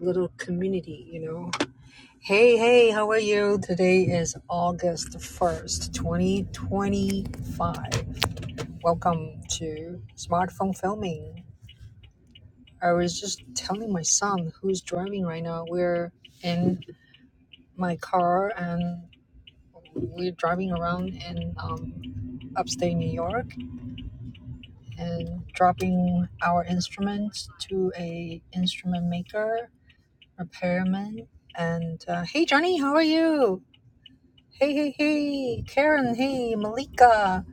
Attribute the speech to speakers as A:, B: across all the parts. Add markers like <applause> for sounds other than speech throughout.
A: little community, you know. Hey, hey, how are you? Today is August 1st, 2025. Welcome to smartphone filming. I was just telling my son who's driving right now. We're in my car and we're driving around in um, upstate New York and dropping our instruments to a instrument maker, repairman. And uh, hey, Johnny, how are you? Hey, hey, hey, Karen, hey, Malika.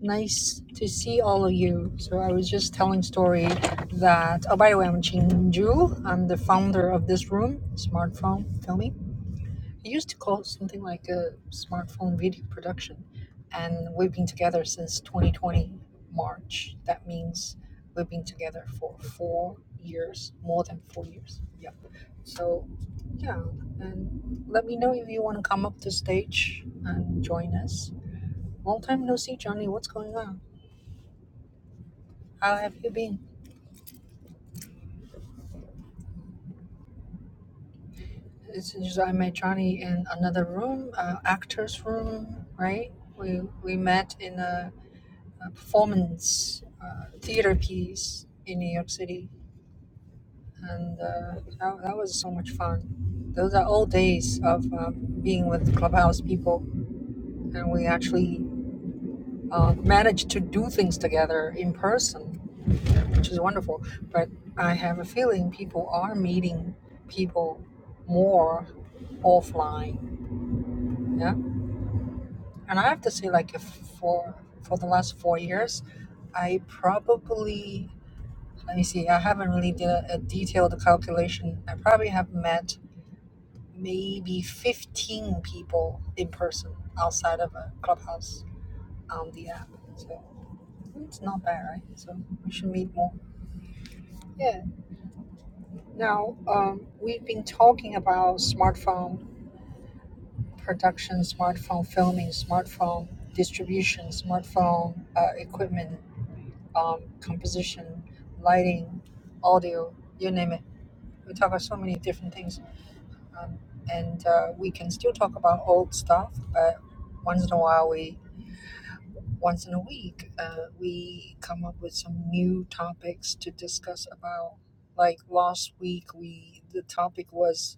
A: Nice to see all of you. So I was just telling story that, oh, by the way, I'm Chinju. I'm the founder of this room, Smartphone Filming. It used to call something like a smartphone video production and we've been together since 2020 march that means we've been together for four years more than four years yep so yeah and let me know if you want to come up to stage and join us long time no see johnny what's going on how have you been it's just i met johnny in another room uh, actors room right we we met in a a performance uh, theater piece in New York City, and uh, that, that was so much fun. Those are old days of uh, being with Clubhouse people, and we actually uh, managed to do things together in person, which is wonderful. But I have a feeling people are meeting people more offline. Yeah, and I have to say, like, if for for the last four years, I probably Let me see. I haven't really did a, a detailed calculation. I probably have met maybe 15 people in person outside of a clubhouse on the app. So it's not bad, right? So we should meet more. Yeah. Now, um, we've been talking about smartphone production, smartphone filming, smartphone distribution, smartphone uh, equipment, um, composition, lighting, audio, you name it. We talk about so many different things Um, and uh, we can still talk about old stuff, but once in a while, we once in a week, uh, we come up with some new topics to discuss about. Like last week, we the topic was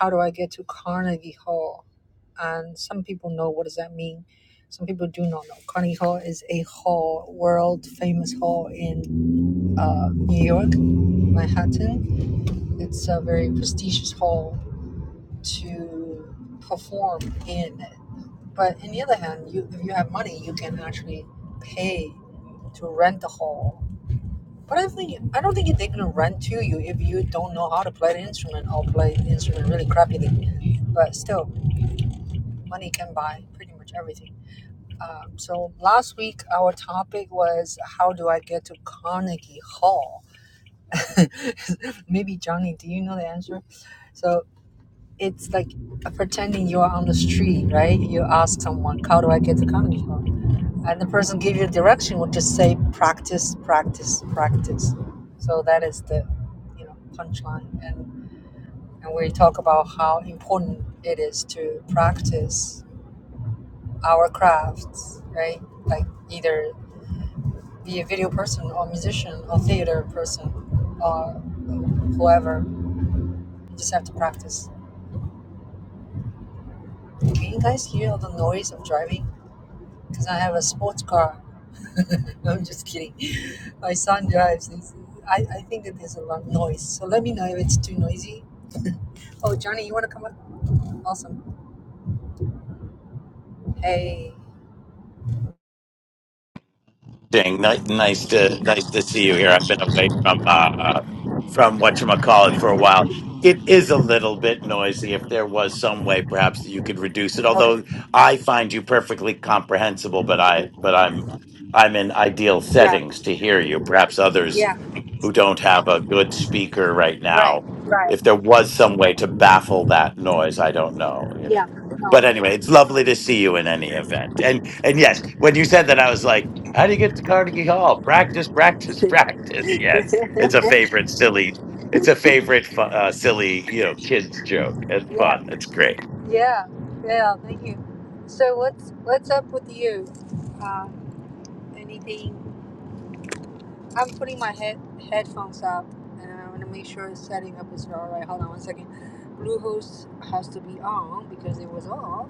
A: how do I get to Carnegie Hall, and some people know what does that mean. Some people do not know. Carnegie Hall is a hall, world famous hall in uh, New York, Manhattan. It's a very prestigious hall to perform in. But on the other hand, you if you have money, you can actually pay to rent the hall. But I think I don't think they're gonna rent to you if you don't know how to play the instrument or play the instrument really crappily. But still, money can buy pretty much everything. Um, so last week our topic was how do I get to Carnegie Hall? <laughs> Maybe Johnny, do you know the answer? So it's like pretending you're on the street, right? You ask someone, "How do I get to comedy club?" And the person give you direction would just say, "Practice, practice, practice." So that is the, you know, punchline. And and we talk about how important it is to practice our crafts, right? Like either be a video person or musician or theater person or whoever. You just have to practice. Can you guys hear all the noise of driving? because I have a sports car. <laughs> No, I'm just kidding. <laughs> My son drives. He's, I, I think that there's a lot of noise. So let me know if it's too noisy. Oh, Johnny, you want to come up? Awesome. Hey.
B: Ding. Nice, nice to nice to see you here. I've been away from uh, from what call it for a while. It is a little bit noisy. If there was some way, perhaps that you could reduce it.
A: Okay.
B: Although I find you perfectly comprehensible, but I
A: okay.
B: but I'm I'm in ideal
A: Yeah.
B: settings to hear you. Perhaps others
A: Yeah.
B: who don't have a good speaker right
A: Right.
B: now.
A: Right.
B: If there was some way to baffle that noise, I don't know. You know.
A: Yeah. No.
B: But anyway, it's lovely to see you in any event. And and yes, when you said that, I was like. How do you get to Carnegie Hall? Practice, practice, <laughs>
A: <laughs>
B: practice. Yes, it's a favorite silly. It's a favorite fu- uh, silly, you know, kids joke. It's
A: yeah.
B: fun. It's great.
A: Yeah. Yeah. Thank you. So what's what's up with you? Uh, anything? I'm putting my head headphones up, and I want to make sure it's setting up is all right. Hold on one second. Bluehost has to be on because it was off.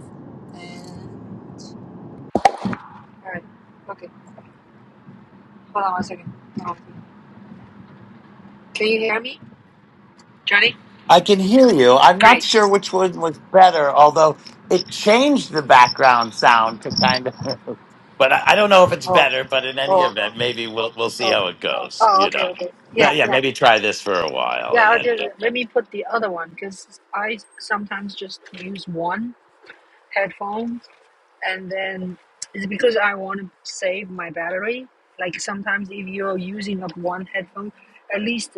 A: And all right, okay. Hold on one second. Um, Can you hear me, Johnny?
B: I can hear you. I'm not
A: Great.
B: sure which one was better, although it changed the background sound to kind of. <laughs> But I, I don't know if it's
A: Oh,
B: better. But in any
A: oh,
B: event, maybe we'll we'll see
A: oh,
B: how it goes.
A: oh.
B: You
A: Okay,
B: know.
A: okay. Yeah,
B: But yeah,
A: yeah,
B: maybe try this for a while
A: yeah.
B: and
A: I'll
B: then.
A: just, let me put the other one because I sometimes just use one headphone and then it's because I want to save my battery. Like sometimes if you're using up one headphone, at least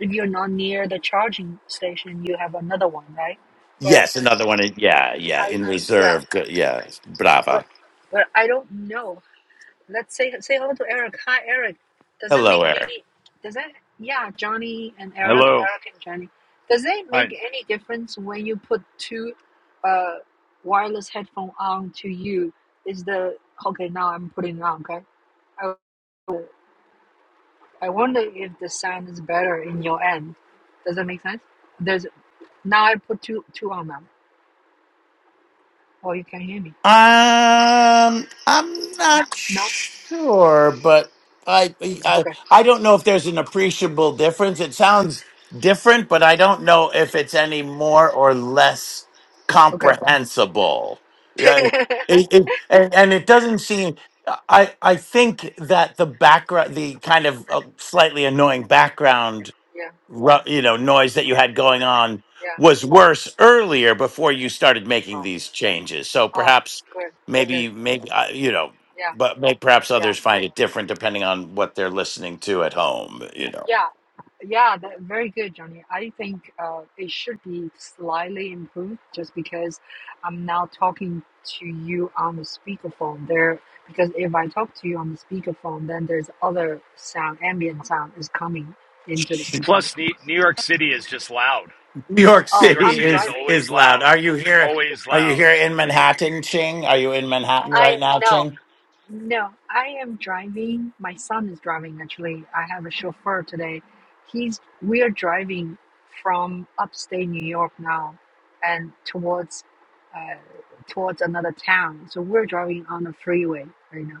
A: if you're not near the charging station, you have another one, right? But
B: Yes, another one. in- Yeah, yeah,
A: I
B: in
A: yeah,
B: reserve. Good. Yeah,
A: but
B: brava.
A: but I don't know Let's say say hello to Eric. Hi, Eric. Does it
B: Hello,
A: make
B: Eric.
A: any? Does it? Yeah, Johnny and Eric,
C: Hello.
A: Eric and Johnny. Does it
C: Hi.
A: make any difference when you put two, uh, wireless headphone on to you? Is the okay? Now I'm putting it on. Okay. I, I wonder if the sound is better in your end. Does that make sense? There's now I put two two on them. Oh, you can hear me.
B: Um, I'm not
A: No.
B: sure, but I, I
A: Okay.
B: I don't know if there's an appreciable difference. It sounds different, but I don't know if it's any more or less
A: Okay.
B: comprehensible.
A: <laughs>
B: Yeah, it, it, and, and it doesn't seem. I I think that the background, the kind of uh, slightly annoying background
A: yeah.
B: ru- you know noise that you had going on
A: Yeah.
B: was worse earlier before you started making
A: Oh.
B: these changes so
A: Oh.
B: perhaps
A: Good. Good.
B: maybe maybe uh, you know
A: Yeah.
B: but may perhaps
A: Yeah.
B: others find it different depending on what they're listening to at home you know
A: Yeah, yeah, that, very good, Johnny. I think uh, it should be slightly improved just because I'm now talking to you on the speakerphone there. Because if I talk to you on the speakerphone, then there's other sound, ambient sound is coming into the speakerphone.
C: Plus, Ne- New York City is just loud.
B: <laughs> new york
C: New
A: Oh,
C: York
B: city
A: I'm
C: City is
B: is
A: driving.
C: always
B: is loud
C: loud,
B: are you here
C: always
B: are you
C: loud.
B: here in manhattan ching are you in manhattan
A: I
B: right now
A: know.
B: ching
A: No, I am driving. My son is driving actually. I have a chauffeur today. He's we are driving from upstate New York now and towards uh, towards another town. So we're driving on the freeway right now.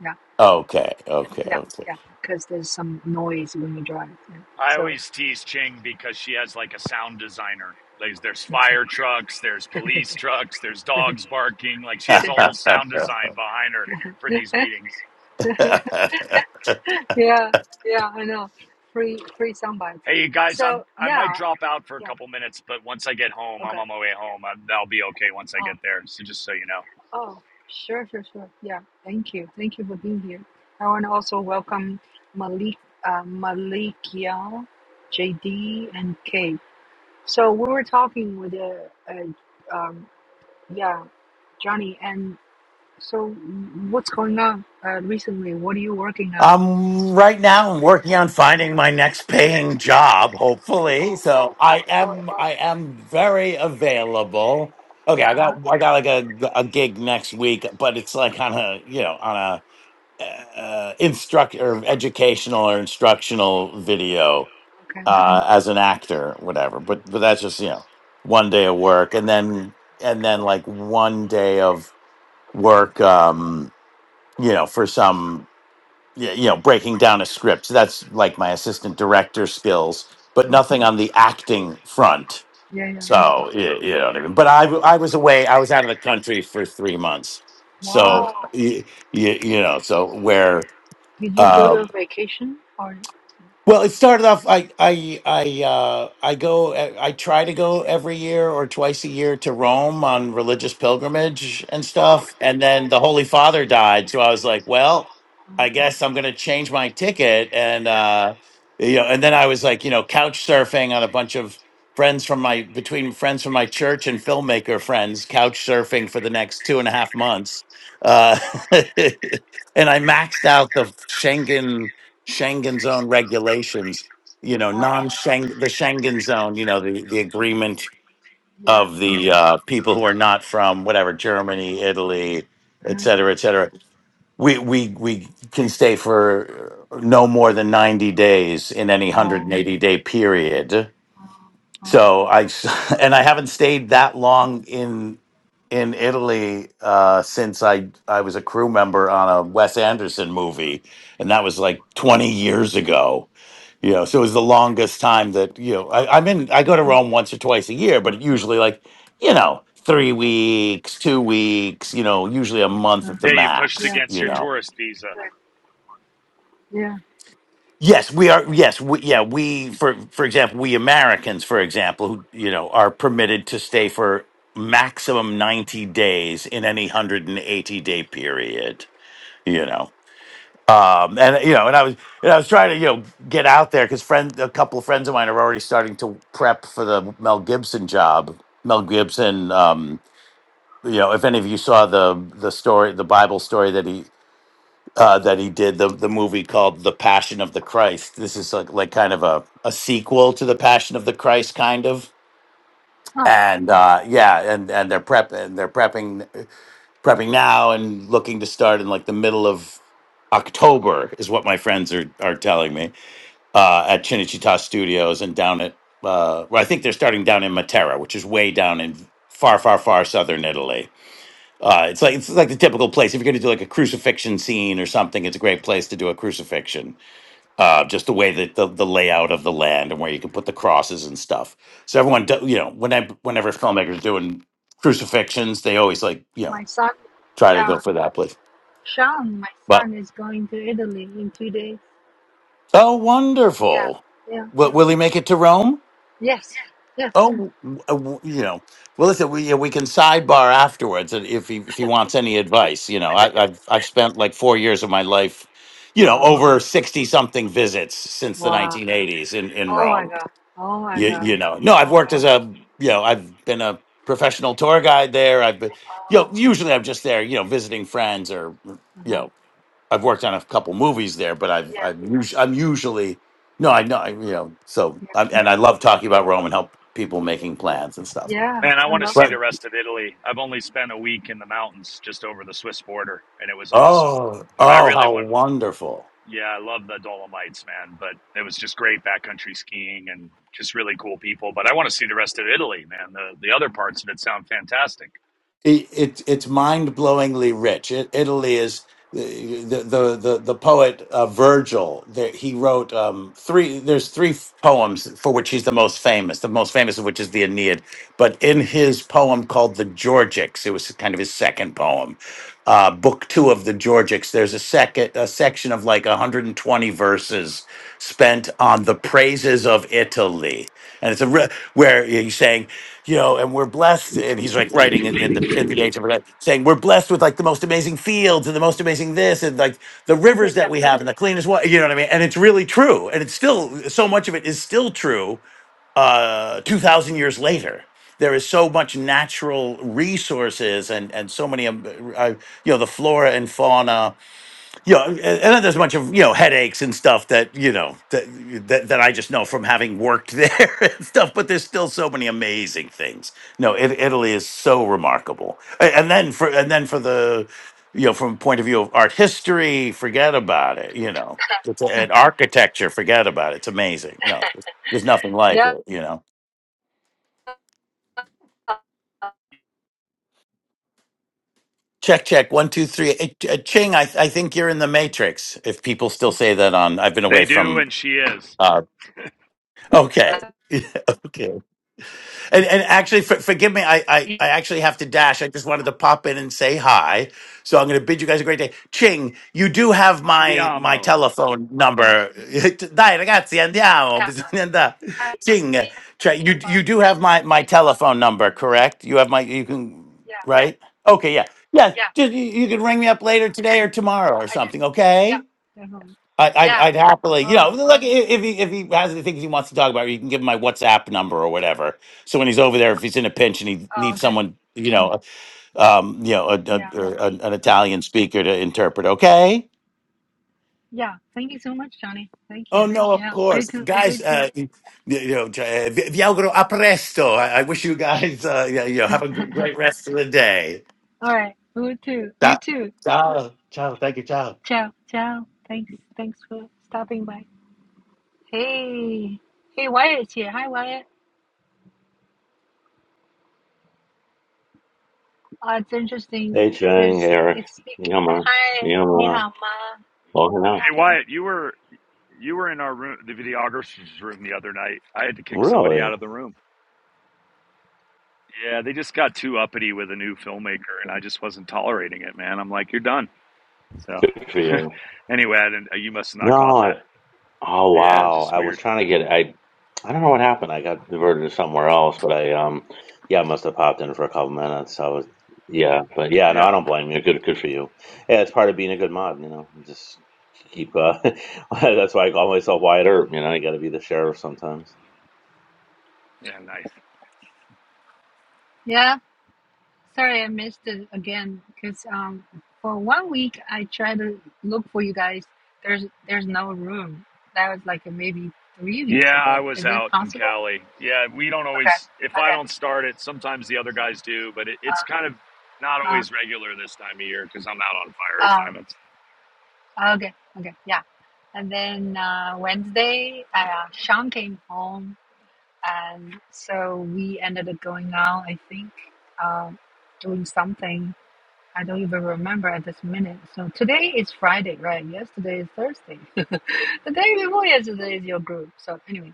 A: Yeah,
B: okay okay
A: yeah, yeah. Because there's some noise when you drive. Yeah.
C: I
A: So
C: always tease Ching because she has like a sound designer. Like, there's fire trucks, there's police trucks, there's dogs barking. Like, she has a whole sound
B: okay
C: design behind her for these meetings.
B: <laughs>
A: yeah, yeah, I know. Free free sound bites.
C: Hey, you guys, I'm
A: So
C: I might
A: yeah,
C: drop out for a
A: yeah.
C: couple minutes, but once I get home, I'm
A: Okay.
C: on my way home. i I'll be okay once I
A: Uh,
C: get there. So just so you know.
A: Oh, sure, sure, sure. Yeah, thank you. Thank you for being here. I want to also welcome Malik, uh, Malikia, JD, and Kay. So we were talking with, uh, uh, um, yeah, Johnny, and so what's going on uh, recently? What are you working on?
B: Um, right now I'm working on finding my next paying job, hopefully.
A: Oh,
B: So I
A: oh,
B: am,
A: oh.
B: I am very available. Okay, I
A: Uh-huh.
B: got, I got like a a gig next week, but it's like on a, you know, on a uh, uh, instruct or educational or instructional video
A: Okay.
B: uh, as an actor, whatever. But but that's just you know one day of work, and then and then like one day of work, um, you know, for some yeah, you know, breaking down a script. That's like my assistant director skills, but
A: Mm.
B: nothing on the acting front.
A: Yeah, yeah.
B: So you, you know what I mean. But I, w- I was away. I was out of the country for three months.
A: Wow.
B: So you, you, you know, so where.
A: Did you go
B: uh,
A: to vacation or?
B: well, it started off. I I I uh, I go. I try to go every year or twice a year to Rome on religious pilgrimage and stuff. And then the Holy Father died, so I was like, well,
A: Uh,
B: I guess I'm gonna change my ticket. And uh, you know, and then I was like, you know, couch surfing on a bunch of friends from my between friends from my church and filmmaker friends, couch surfing for the next two and a half months. Uh, <laughs> and I maxed out the Schengen Schengen zone regulations, you know,
A: uh,
B: non Schengen, the Schengen zone, you know, the, the agreement
A: yeah.
B: of the uh, people who are not from whatever Germany, Italy, et
A: Uh-huh.
B: cetera, et cetera. We, we, we can stay for no more than 90 days in any
A: Oh.
B: 180 day period
A: Oh. Oh.
B: so
A: Uh-huh.
B: I <laughs> and I haven't stayed that long in in Italy uh, since I I was a crew member on a Wes Anderson movie, and that was like twenty years ago. You know, so it was the longest time that you know I, I'm in. I go to Rome
A: uh-huh.
B: once or twice a year, but usually like you know three weeks, two weeks. You know, usually a month at the
C: Hey, you pushed
B: max.
A: Yeah,
C: against
B: You
C: your
A: yeah,
B: know,
C: tourist visa.
A: right, yeah.
B: Yes, we are. Yes, we, yeah, we for for example, we Americans, for example, who you know are permitted to stay for maximum ninety days in any hundred and eighty day period. You know, um, and you know, and I was and I was trying to you know get out there because friend, a couple of friends of mine are already starting to prep for the Mel Gibson job. Mel Gibson, um, you know, if any of you saw the the story, the Bible story that he uh, that he did the the movie called The Passion of the Christ. This is like like kind of a a sequel to The Passion of the Christ, kind of.
A: Huh.
B: And uh, yeah, and and they're prep and they're prepping prepping now and looking to start in like the middle of October is what my friends are are telling me uh, at Chinichita Studios and down at uh, well, I think they're starting down in Matera, which is way down in far far far southern Italy uh, it's like it's like the typical place. If you're going to do like a crucifixion scene or something, it's a great place to do a crucifixion. Uh, just the way that the, the layout of the land and where you can put the crosses and stuff. So everyone, do, you know, whenever whenever filmmakers are doing crucifixions, they always like you know
A: My son,
B: try to
A: yeah,
B: go for that place.
A: Sean, my
B: But
A: son is going to Italy in two days.
B: oh, wonderful!
A: Yeah, yeah.
B: Will, will he make it to Rome?
A: Yes, yes.
B: Oh, w- w- you know. Well, listen, we yeah, we can sidebar afterwards and if he if he wants any advice. You know, I, I've I've spent like four years of my life, you know,
A: Wow,
B: over sixty something visits since the
A: wow.
B: nineteen eighties in in
A: Oh my
B: Rome.
A: God. Oh my
B: You
A: God.
B: you know, no, I've
A: Wow.
B: worked as a you know, I've been a professional tour guide there. I've been, you know,
A: Um,
B: usually I'm just there, you know, visiting friends or you
A: uh-huh.
B: know. I've worked on a couple movies there, but I've
A: Yeah,
B: I've us- I'm usually no, I know I, you know. So
A: yeah,
B: I'm, and I love talking about Rome and help people
A: yeah.
B: making plans and stuff.
A: Yeah,
C: Man, I
A: I
C: want to
A: love
C: see the
B: But
C: rest of Italy. I've only spent a week in the mountains just over the Swiss border, and it was awesome.
B: oh,
C: But I
B: oh,
C: really
B: how
C: want,
B: wonderful!
C: yeah, I love the Dolomites, man. But it was just great backcountry skiing and just really cool people. But I want to see the rest of Italy, man. The, the other parts of it sound fantastic.
B: It, it it's mind blowingly rich. It, Italy is the the the the poet uh, Virgil. There, he wrote um, three. There's three poems for which he's the most famous. The most famous of which is the Aeneid. But in his poem called the Georgics, it was kind of his second poem uh, book two of the Georgics, there's a second a section of like 120 verses spent on the praises of Italy, and it's a re- where he's saying, you know, and we're blessed, and he's like writing it in the in the age of that, saying we're blessed with like the most amazing fields and the most amazing this and like the
A: it.
B: rivers that we have and the cleanest water, you know what I mean? And it's really true, and it's still so much of it is still true uh, 2000 years later there is so much natural resources and and so many um, uh, uh, you know the flora and fauna you know and and then there's a bunch of you know headaches and stuff that you know that that, that i just know from having worked there <laughs> and stuff but there's still so many amazing things no it, italy is so remarkable A- and then for and then for the you know from point of view of art history forget about it you know It's a- and architecture forget about it it's amazing no there's nothing like
A: Yeah.
B: it you know Check, check. One, two, three. Eh, ch- eh, Ching, I, I think you're in the Matrix. If people still say that on, I've been
C: They
B: away
C: do,
B: from.
C: and she is.
B: Uh, okay, <laughs> okay. And, and actually, for, forgive me, I, I, I actually have to dash. I just wanted to pop in and say hi. So I'm going to bid you guys a great day. Ching, you do have my my
C: Andiamo.
B: telephone number. <laughs> Dai ragazzi, andiamo. Bisogna andare. Ching, cioè, you you do have
A: Yeah,
B: my my
A: sorry.
B: telephone number, correct? You have my you can
A: Yeah,
B: right? Okay, yeah, yeah.
A: yeah,
B: Just you, you can ring me up later today or tomorrow or
A: I do.
B: something.
A: Yeah,
B: Okay.
A: definitely.
B: I, I'd,
A: Yeah.
B: I'd happily, you
A: Well,
B: know, like i- if he if he has any things he wants to talk about, you can give him my WhatsApp number or whatever. So when he's over there, if he's in a pinch and he
A: oh,
B: needs
A: okay.
B: someone, you know, um, you know, a, a,
A: Yeah,
B: or an an
A: okay.
B: Italian speaker to interpret. Okay.
A: Yeah. Thank you so much, Johnny. Thank
B: Oh
A: you.
B: no, of
A: Yeah. Great
B: course,
A: to,
B: guys.
A: great to.
B: Uh, you you know, uh, vi vi auguro a presto. I, I wish you guys, uh, you know, have a g- great rest of the day.
A: All right. You too. You
B: Ciao,
A: too.
B: ciao, ciao. Thank you, ciao.
A: Ciao. Ciao. Thanks. Thanks for stopping by. Hey. Hey, Wyatt's here. Hi, Wyatt. Uh, it's interesting.
D: Hey, Chang, Hey,
A: There's
D: Eric,
A: it's big.
D: Yama, Yama, logging out.
C: Hey, Wyatt, you were you were in our room, the videographer's room, the other night. I had to kick somebody out
D: Really?
C: of the room. Yeah, they just got too uppity with a new filmmaker, and I just wasn't tolerating it, man. I'm like, you're done. So
D: Good for
C: <laughs>
D: you.
C: anyway, I didn't, you must have not caught
D: No,
C: that.
D: I, oh
C: Yeah,
D: wow.
C: just
D: I was
C: weird.
D: trying to get, I, I don't know what happened. I got diverted to somewhere else, but I, um, yeah, I must have popped in for a couple minutes. I was, yeah, but yeah, no,
C: Yeah.
D: I don't blame you. Good, good for you. Yeah, it's part of being a good mod, you know, You just keep, uh, <laughs> that's why I call myself Wyatt Earp, you know, you gotta be the sheriff sometimes.
C: Yeah, nice.
A: Yeah. Sorry, I missed it again because um for one week I tried to look for you guys. There's there's no room. That was like maybe three
C: Yeah,
A: weeks
C: I
A: ago.
C: was
A: Is it
C: out in
A: possible?
C: Cali. Yeah, we don't
A: Okay.
C: always, if I
A: Okay.
C: don't start it, sometimes the other guys do, but it, it's kind of not
A: Uh,
C: always regular this time of year because I'm out on fire
A: uh,
C: assignments.
A: uh, okay. Okay. Yeah. And then uh, Wednesday, uh, Sean came home And so we ended up going out, I think, um, doing something. I don't even remember at this minute. So today is Friday, right? Yesterday is Thursday. <laughs> the day before yesterday is your group. So anyway,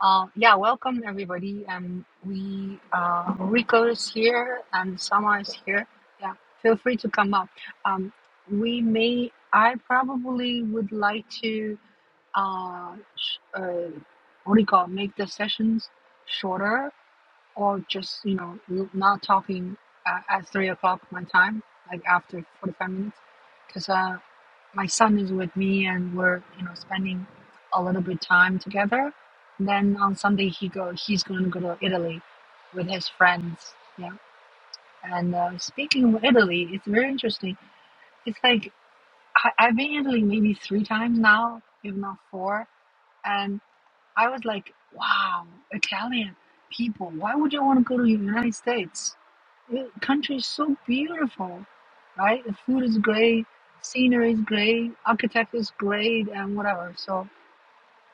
A: uh, yeah, welcome everybody. Um, we uh, Rico is here and Sama is here. Yeah, feel free to come up. Um, we may. I probably would like to uh, sh- uh, what do you call make the sessions shorter or just you know n- not talking uh, at three o'clock my time like after 45 minutes because uh, my son is with me and we're you know spending a little bit time together and then on sunday he go he's going to go to italy with his friends yeah and uh, speaking of italy it's very interesting it's like I, i've been in italy maybe three times now if not four and. I was like, wow, Italian people, why would you want to go to the United States? The country is so beautiful, right? The food is great, scenery is great, architecture is great, and whatever. So,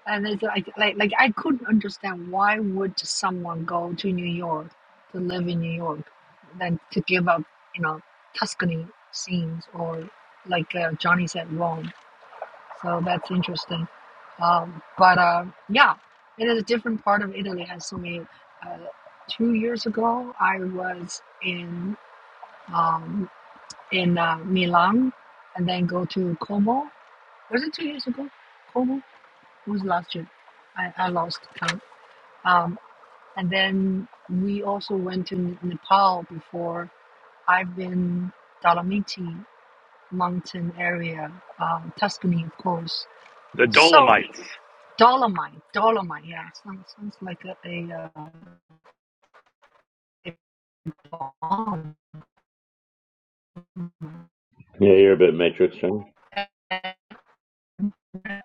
A: and it's like, like, like I couldn't understand why would someone go to New York to live in New York, than to give up, you know, Tuscany scenes or like uh, Johnny said, Rome. So that's interesting. Um, but uh, yeah, it is a different part of Italy. Has so many. Uh, two years ago, I was in um, in uh, Milan, and then go to Como. Was it two years ago? Como it was last year. I, I lost count. Um, and then we also went to N- Nepal before. I've been Dolomiti mountain area, um, Tuscany, of course.
C: The
A: So
C: Dolomites.
A: Dolomite, Dolomite, yeah, it sounds, sounds like a, a, uh, a,
D: Yeah, you're a bit Matrix, Chang.
A: Ven-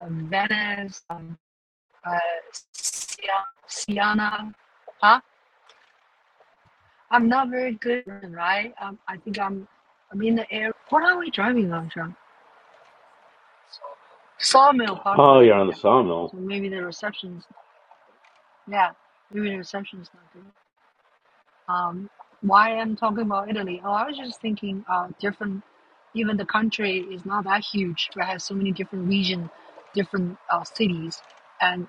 A: a Venice, um, uh, Sia- Siena. Huh? I'm not very good, right? Um, I think I'm, I'm in the air. What are we driving on, John? Sawmill
D: Oh,
A: Parkway,
D: you're on the
A: yeah.
D: sawmill.
A: So maybe the reception's, yeah, maybe the reception's not good. Um, why I'm talking about Italy? Oh, I was just thinking, uh, different. Even the country is not that huge, but has so many different region, different uh, cities, and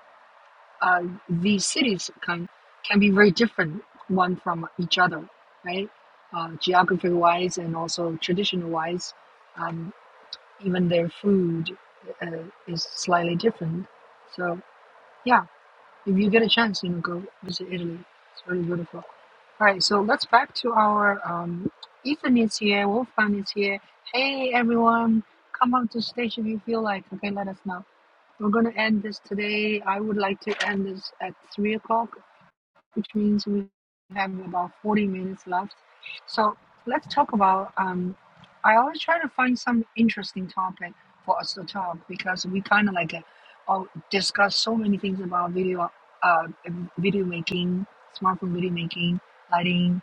A: uh, these cities can can be very different one from each other, right? Uh, geography wise and also traditional wise, um, even their food uh, is slightly different. So yeah, if you get a chance, you know, go visit Italy. It's really beautiful. All right, so let's back to our um, Ethan is here, Wolfgang is here. Hey everyone, come up to stage if you feel like. Okay, let us know. We're gonna end this today. I would like to end this at three o'clock which means we have about 40 minutes left. So let's talk about. Um, I always try to find some interesting topic for us to talk because we kind of like uh, oh, discuss so many things about video, uh, video making, smartphone video making, lighting,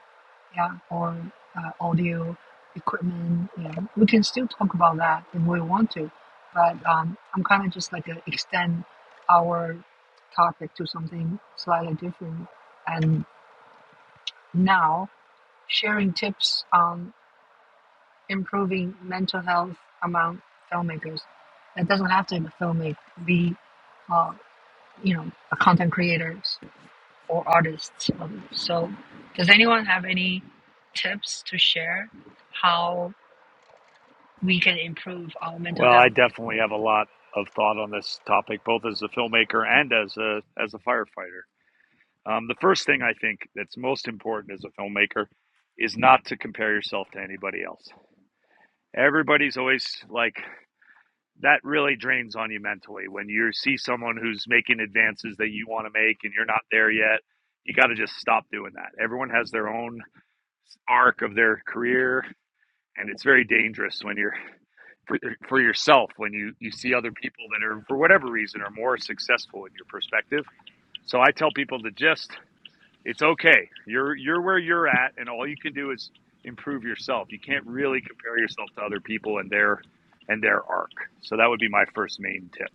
A: yeah, or uh, audio equipment. You we can still talk about that if we want to, but um, I'm kind of just like uh extend our topic to something slightly different and now sharing tips on improving mental health among filmmakers. It doesn't have to be a filmmaker, be uh, you know, a content creators or artists. Um, So, does anyone have any tips to share how we can improve our mental
C: Well, I
A: health?
C: definitely have a lot of thought on this topic, both as a filmmaker and as a as a firefighter. Um, the first thing I think that's most important as a filmmaker is not to compare yourself to anybody else everybody's always like that really drains on you mentally when you see someone who's making advances that you want to make and you're not there yet you got to just stop doing that everyone has their own arc of their career and it's very dangerous when you're for, for yourself when you you see other people that are for whatever reason are more successful in your perspective so i tell people to just it's okay. You're you're where you're at, and all you can do is improve yourself. You can't really compare yourself to other people and their and their arc. So that would be my first main tip.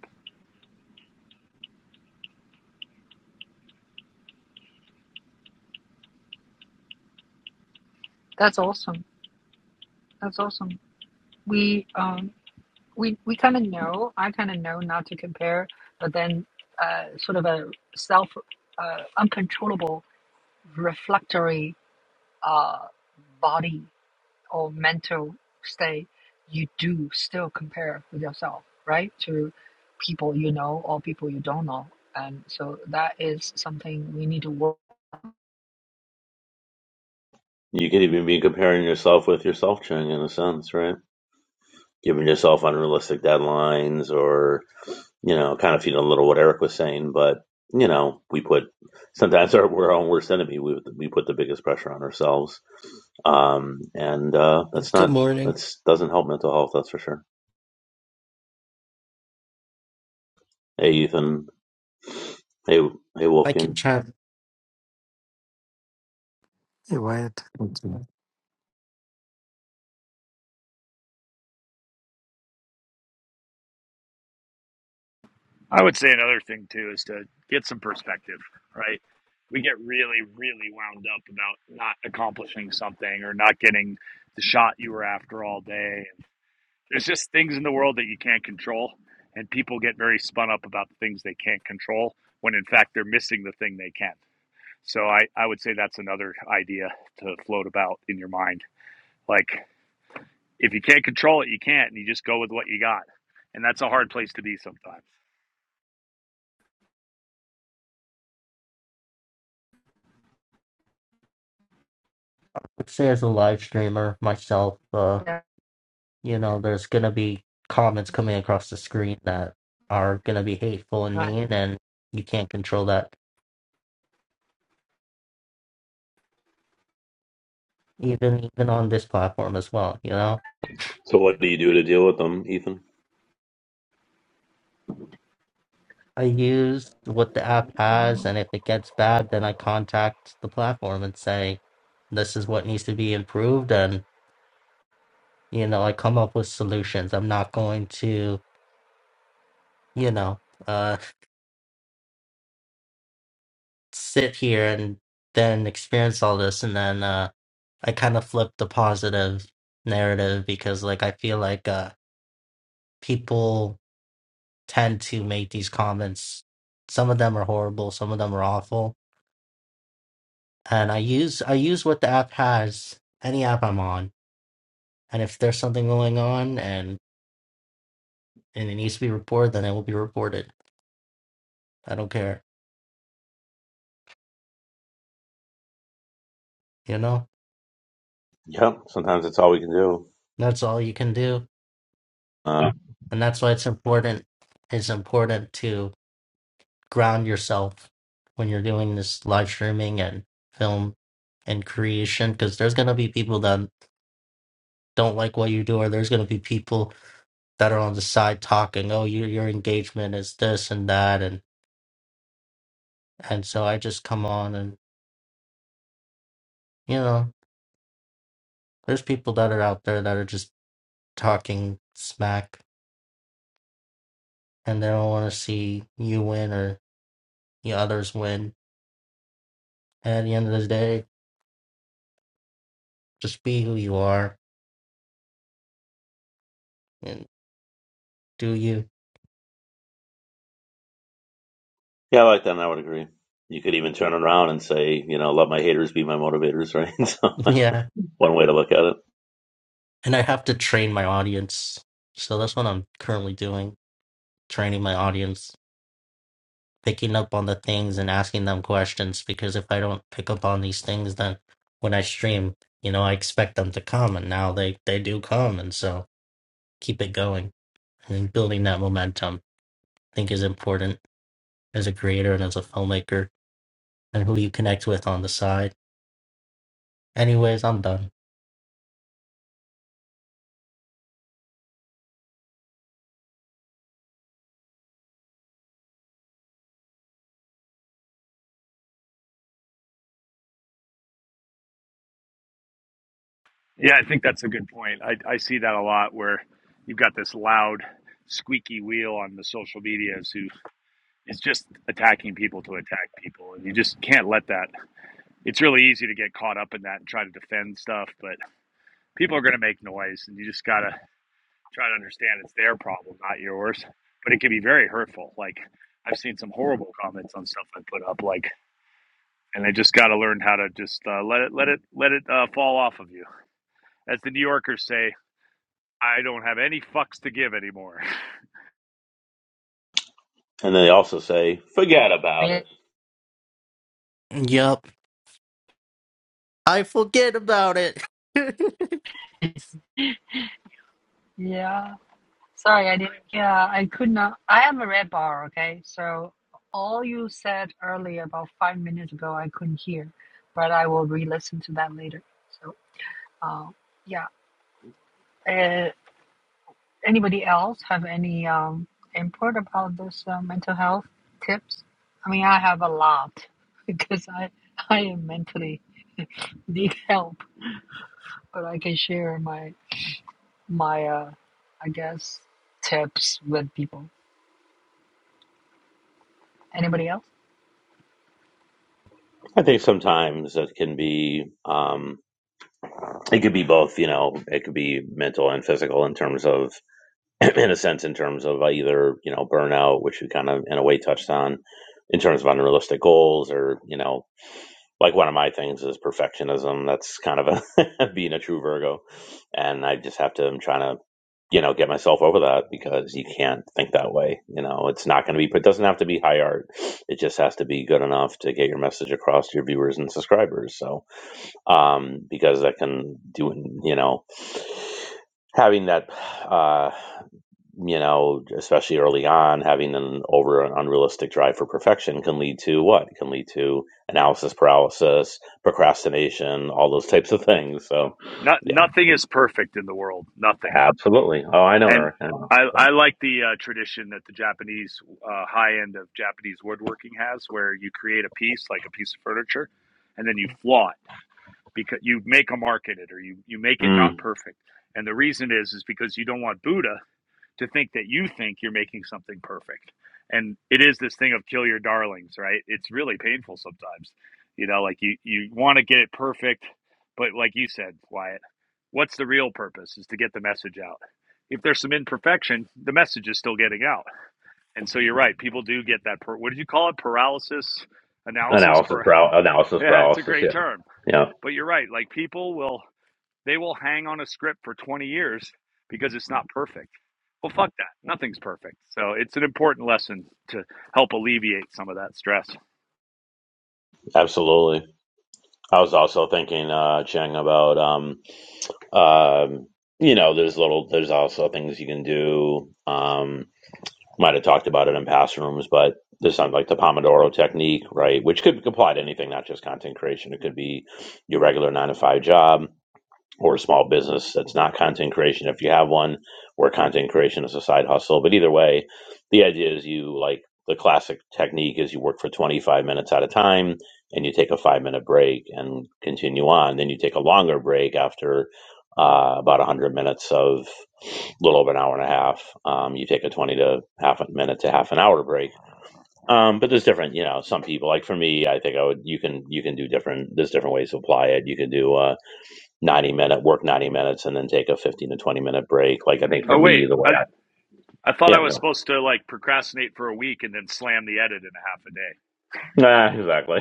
A: That's awesome. That's awesome. We um we we kind of know. I kind of know not to compare, but then uh, sort of a self uh, uncontrollable reflectory uh, body or mental state, you do still compare with yourself, right? To people you know or people you don't know. And so that is something we need to work
D: You could even be comparing yourself with yourself, Chung, in a sense, right? Giving yourself unrealistic deadlines or, you know, kind of feeling a little what Eric was saying. But, you know, we put sometimes <laughs> our, we're our own worst enemy. We, we put the biggest pressure on ourselves. Um, and uh, that's
E: Good
D: not,
E: morning.
D: that's doesn't help mental health, that's for sure. Hey, Ethan. Hey, hey,
E: I can
D: Wolfgang.
E: try.
F: Hey, Wyatt.
C: I would say another thing too is to get some perspective, right? We get really, really wound up about not accomplishing something or not getting the shot you were after all day. There's just things in the world that you can't control, and people get very spun up about the things they can't control when in fact they're missing the thing they can. So I, I would say that's another idea to float about in your mind. Like if you can't control it, you can't, and you just go with what you got. And that's a hard place to be sometimes.
E: Let's say as a live streamer myself, uh, you know, there's gonna be comments coming across the screen that are gonna be hateful and
A: on.
E: mean, and you can't control that. Even even on this platform as well, you know.
D: So what do you do to deal with them, Ethan?
E: I use what the app has, and if it gets bad, then I contact the platform and say, "This is what needs to be improved," and you know, I come up with solutions. I'm not going to, you know, uh sit here and then experience all this and then uh I kind of flip the positive narrative because like I feel like uh people tend to make these comments some of them are horrible some of them are awful and I use I use what the app has any app I'm on and if there's something going on and and it needs to be reported then it will be reported I don't care you know
D: Yep. Sometimes that's all we can do.
E: that's all you can do
D: Um,
E: and that's why it's important it's important to. ground yourself when you're doing this live streaming and film and creation because there's going to be people that don't like what you do or there's going to be people that are on the side talking oh your your engagement is this and that and and so i just come on and you know there's people that are out there that are just talking smack and they don't want to see you win or the others win and at the end of the day just be who you are and do you
D: Yeah, like that. I would agree. You could even turn around and say, you know, let my haters be my motivators, right? <laughs> so
E: <laughs> yeah
D: one way to look at it.
E: and I have to train my audience. So that's what I'm currently doing, training my audience, picking up on the things and asking them questions because if I don't pick up on these things then when I stream, you know, I expect them to come and now they they do come and so keep it going and building that momentum I think is important as a creator and as a filmmaker and who you connect with on the side. Anyways, I'm done.
C: Yeah, I think that's a good point. I, I see that a lot where you've got this loud, squeaky wheel on the social medias who is just attacking people to attack people. And you just can't let that. It's really easy to get caught up in that and try to defend stuff, but people are going to make noise and you just got to try to understand it's their problem, not yours. But it can be very hurtful. Like I've seen some horrible comments on stuff I put up, like, and I just got to learn how to just uh, let it, let it, let it uh, fall off of you. As the New Yorkers say, I don't have any fucks to give anymore. <laughs>
D: And then they also say, forget about it.
E: Yup. I forget about it. <laughs>
A: Yeah. Sorry, I didn't. Yeah, I could not. I am a red bar, okay? So all you said earlier about five minutes ago, I couldn't hear, but I will re listen to that later. So, uh, yeah. Uh, anybody else have any um, input about this uh, mental health tips? I mean, I have a lot <laughs> because I I am mentally <laughs> need help, but I can share my my uh, I guess tips with people. Anybody else?
D: I think sometimes it can be, um, it could be both, you know, it could be mental and physical in terms of, <clears throat> in a sense, in terms of uh, either, you know, burnout, which we kind of, in a way, touched on, in terms of unrealistic goals or, you know, like one of my things is perfectionism. That's kind of a <laughs> being a true Virgo, and I just have to. I'm trying to, you know, get myself over that because you can't think that way. You know, it's not going to be. It doesn't have to be high art. It just has to be good enough to get your message across to your viewers and subscribers. So, um, because that can do, you know, having that uh, you know, especially early on, having an over an unrealistic drive for perfection can lead to what? It can lead to analysis paralysis, procrastination, all those <laughs> types of things. So,
C: Not,
D: yeah,
C: nothing is perfect in the world. Nothing.
D: absolutely. Oh, I know,
C: And
D: Eric. I know.
C: I,
D: But
C: I like the uh, tradition that the Japanese uh, high end of Japanese woodworking has, where you create a piece, like a piece of furniture, and then you flaw it because you make a market it or you, you make it not
D: mm,
C: perfect. And the reason is is because you don't want Buddha to think that you think you're making something perfect. And it is this thing of kill your darlings, right? It's really painful sometimes. You know, like you, you want to get it perfect, but like you said, Wyatt, what's the real purpose is to get the message out. If there's some imperfection, the message is still getting out. And so you're right, people do get that. Per- what did you call it? Paralysis analysis?
D: analysis,
C: Par-
D: paral-
C: <laughs>
D: analysis
C: yeah, it's a
D: paralysis.
C: great
D: Yeah,
C: term.
D: yeah,
C: But you're right. Like people will they will hang on a script for 20 years because it's not perfect. Well, fuck that. Nothing's perfect. So it's an important lesson to help alleviate some of that stress.
D: absolutely. I was also thinking, uh, Cheng, about um, um, you know, there's little, there's also things you can do. Um, might have talked about it in past rooms, but this sounds like the Pomodoro technique, right? Which could apply to anything, not just content creation. It could be your regular nine to five job or a small business that's not content creation if you have one or content creation is a side hustle but either way the idea is you like the classic technique is you work for 25 minutes at a time and you take a five minute break and continue on then you take a longer break after uh, about 100 minutes of a little over an hour and a half um, you take a 20 to half a minute to half an hour break um, but there's different you know some people like for me i think i would you can you can do different there's different ways to apply it you can do uh, 90 minute work 90 minutes and then take a 15 to 20 minute break like i think for
C: Oh,
D: me
C: wait.
D: the way
C: I,
D: i
C: I thought
D: yeah
C: I was
D: no.
C: supposed to like procrastinate for a week and then slam the edit in a half a day.
D: ah, exactly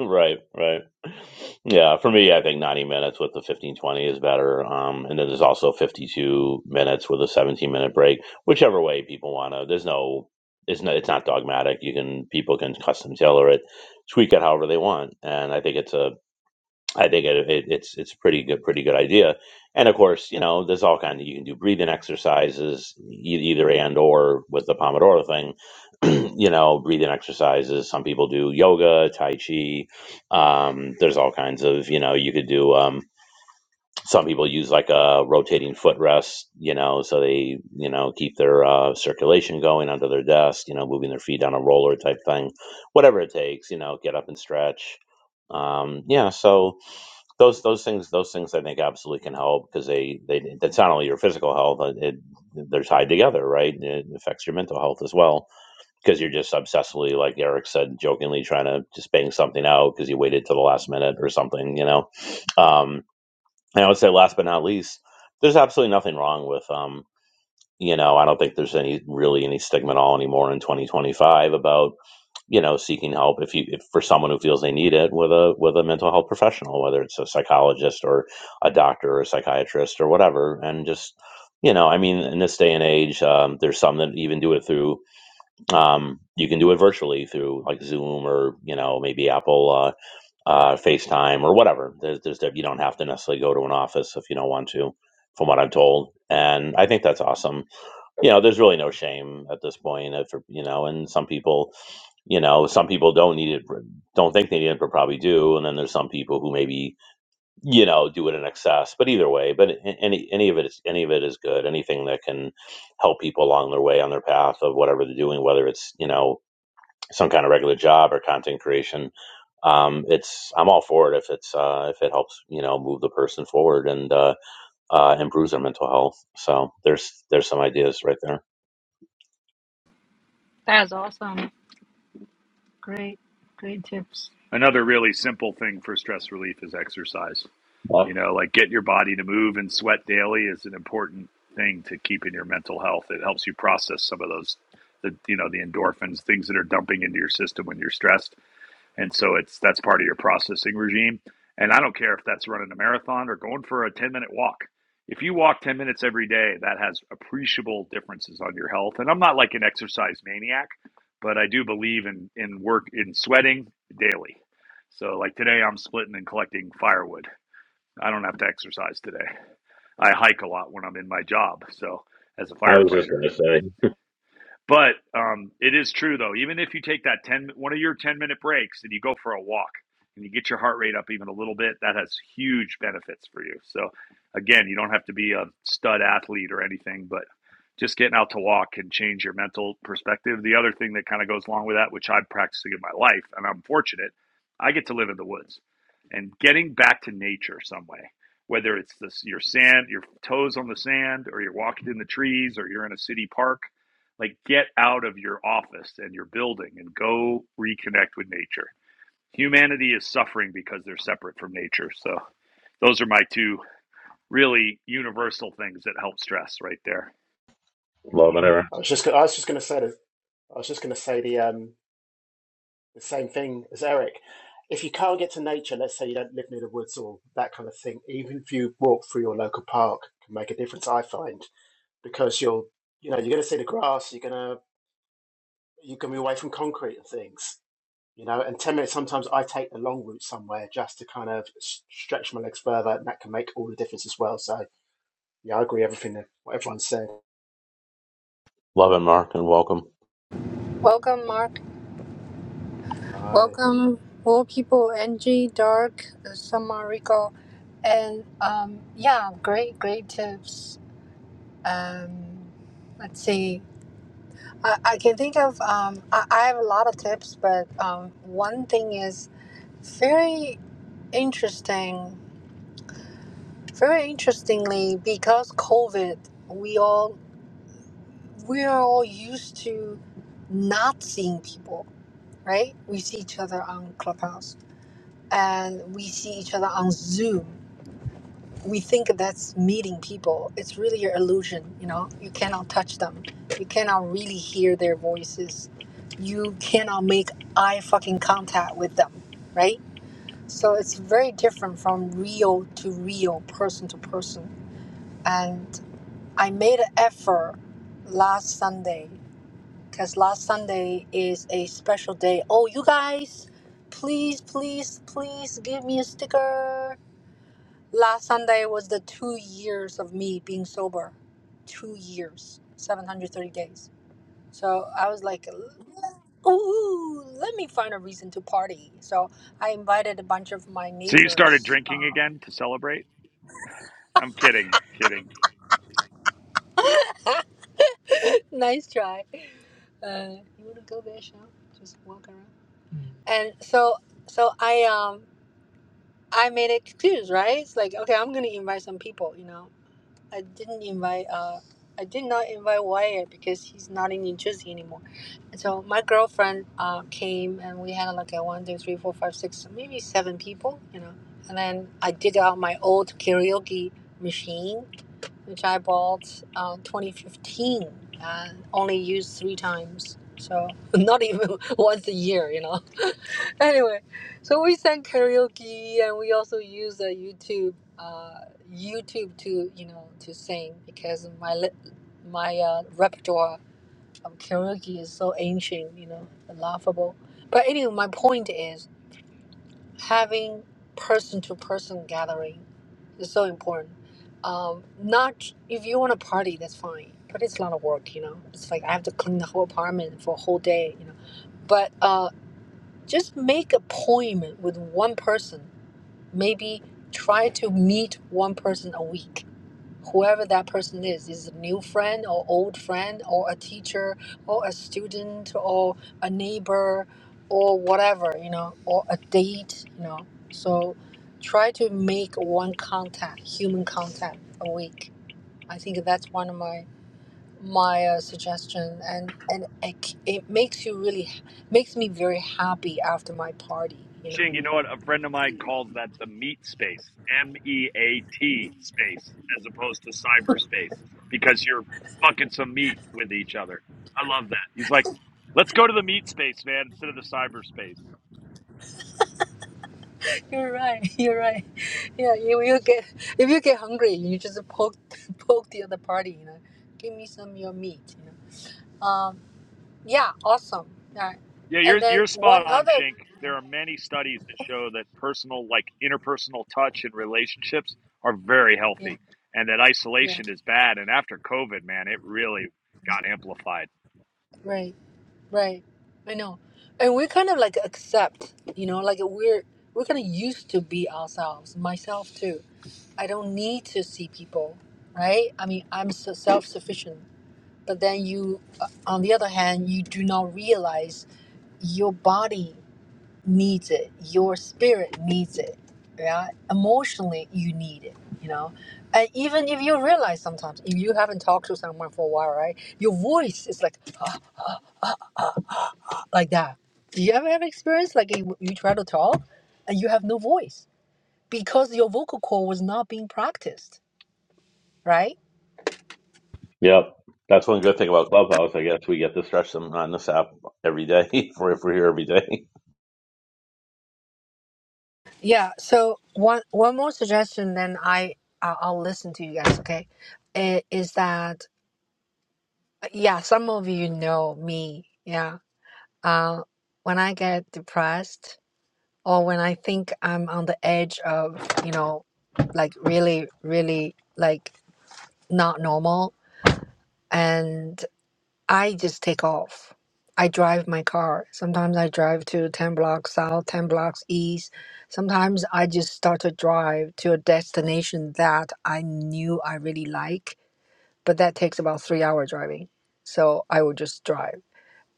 D: <laughs> right right yeah for me i think 90 minutes with the 15 20 is better um, and then there's also 52 minutes with a 17 minute break whichever way people want to there's no it's not it's not dogmatic you can people can custom tailor it tweak it however they want and i think it's a I think it, it, it's it's a pretty good pretty good idea. And of course, you know, there's all kind of you can do breathing exercises, e- either and or with the Pomodoro thing. <clears throat> you know, breathing exercises. Some people do yoga, tai chi. Um, there's all kinds of you know you could do. Um, some people use like a rotating footrest, you know, so they you know keep their uh, circulation going under their desk. You know, moving their feet on a roller type thing, whatever it takes. You know, get up and stretch. Um, yeah, so those those things those things I think absolutely can help because they they that's not only your physical health uh, it they're tied together right it affects your mental health as well because you're just obsessively like Eric said jokingly trying to just bang something out because you waited till the last minute or something you know um, and I would say last but not least there's absolutely nothing wrong with um you know I don't think there's any really any stigma at all anymore in 2025 about you know seeking help if you if for someone who feels they need it with a with a mental health professional whether it's a psychologist or a doctor or a psychiatrist or whatever and just you know i mean in this day and age um, there's some that even do it through um, you can do it virtually through like zoom or you know maybe apple uh, uh, facetime or whatever there's, there's you don't have to necessarily go to an office if you don't want to from what i'm told and i think that's awesome you know there's really no shame at this point if you know and some people you know some people don't need it for- don't think they need it but probably do and then there's some people who maybe you know do it in excess but either way but a- any any of it is any of it is good anything that can help people along their way on their path of whatever they're doing whether it's you know some kind of regular job or content creation um it's i'm all for it if it's uh if it helps you know move the person forward and uh uh improves their mental health so there's there's some ideas right there
A: That's awesome. Great, great tips.
C: Another really simple thing for stress relief is exercise.
D: Well,
C: You know, like get your body to move and sweat daily is an important thing to keep in your mental health. It helps you process some of those, the, you know, the endorphins, things that are dumping into your system when you're stressed. and so it's that's part of your processing regime and i don't care if that's running a marathon or going for a 10 minute walk if you walk 10 minutes every day that has appreciable differences on your health and i'm not like an exercise maniac but i do believe in in work in sweating daily so like today i'm splitting and collecting firewood i don't have to exercise today i hike a lot when i'm in my job so as a
D: I was just going to
C: firefighter
D: say,
C: but um, it is true though. Even if you take that ten, one of your ten minute breaks, and you go for a walk, and you get your heart rate up even a little bit, that has huge benefits for you. So, again, you don't have to be a stud athlete or anything, but just getting out to walk can change your mental perspective. The other thing that kind of goes along with that, which I'm practicing in my life, and I'm fortunate, I get to live in the woods, and getting back to nature some way. Whether it's this, your sand, your toes on the sand, or you're walking in the trees, or you're in a city park, like, get out of your office and your building and go reconnect with nature. Humanity is suffering because they're separate from nature. So, those are my two really universal things that help stress right there.
D: love and ever,
G: I was just, go- I was just going to say, the, I was just going to say the um, the same thing as Eric. If you can't get to nature, let's say you don't live near the woods or that kind of thing, even if you walk through your local park, can make a difference. I find because you are you know, you're going to see the grass. You're going to, you're going to be away from concrete and things. You know, and ten minutes. Sometimes I take the long route somewhere just to kind of s- stretch my legs further, and that can make all the difference as well. So yeah, I agree everything that what everyone said.
D: love it mark and welcome
A: Welcome, Mark. Welcome, more people. Angie, Dark, Summer, Rico, and um, yeah, great, great tips. Um, let's see. And interestingly, because COVID, we all we are all used to not seeing people, right? On Clubhouse, uh, we see you. It's really your illusion. You know, you cannot touch them. You cannot really hear their voices. You cannot make eye fucking contact with them, right? So it's very different from real to real, person to person. And I made an effort last Sunday because last Sunday is a special day. Oh, you guys, please, please, please give me a sticker. Last Sunday was the two years of sober, two, 730 days. So like, oh, let me find her. So I invited a bunch of my
C: So, you started
A: neighbors.
C: drinking
A: Um,
C: again to celebrate? I'm kidding, kidding.
A: <laughs> nice try. Uh, and so, so I um I made an excuse, right? It's like, okay, I'm gonna invite some people. You know, I didn't invite uh. I did not invite Wyatt because he's not in New Jersey anymore. So my girlfriend uh, came and we had like a one, two, three, four, five, six, maybe seven people, you know. And then I dig out my old karaoke machine, which I bought uh, 2015 and only used three times. So not even <laughs> once a year, you know. <laughs> anyway, so we sang karaoke and we also used a YouTube, uh, YouTube to you know to sing because my li- my uh, repertoire of Kyrgyz is so ancient, you know, and laughable. But anyway, my point is having person-to-person gathering is so important. Um, not if you want to party, that's fine, but it's a lot of work, you know. It's like I have to clean the whole apartment for a whole day, you know. But uh, just make appointment with one person. Maybe try to meet one person a week whoever that person is is a new friend or old friend or a teacher or a student or a neighbor or whatever you know or a date you know so try to make one contact human contact a week i think that's one of my my uh, suggestion and and it, it makes you really makes me very happy after my party you know
C: Ching, you know what? A friend of mine calls that the meat space, M E A T space, as opposed to cyberspace, because you're fucking some meat with each other. I love that. He's like, let's go to the meat space, man, instead of the cyberspace.
A: you're right <laughs> you're right Yeah, you you get if you get hungry, you just poke <laughs> poke the other party. You know, give me some of your meat. You know, um, yeah, awesome. All right,
C: Yeah,
A: and
C: you're
A: then
C: you're
A: one
C: spot on,
A: other.
C: Chink. There are many studies that show that personal, like interpersonal touch and relationships, are very
A: Yeah,
C: healthy, and that
A: yeah,
C: isolation is bad. And after COVID, man, it really got amplified.
A: right, right. I know, and we kind of like accept. You know, like we're we're kind of used to be ourselves. Myself too. I don't need to see people. Right? I mean, I'm so self sufficient. But then you, on the other hand, now realize you, yours is. emotionally you need it you know and if you haven't talked right your voice like that do you ever have experience like you, you try to talk and you have no voice because your vocal cord was not being practiced right
D: Yep. That's one good thing about Clubhouse. I guess we get to stretch them on this app every day <laughs> for if we're here every day.
A: yeah so one one more suggestion then i i'll I'll listen to you guys okay I- is that yeah some of you know me yeah uh, when i get depressed or when I think I'm on the edge of, you know, like really, really like not normal. And I just take off. I drive my car. Sometimes I drive to 10 blocks south, 10 blocks east. Sometimes I just start to drive to a destination that I knew I really like, but that takes about three hour driving. So I will just drive.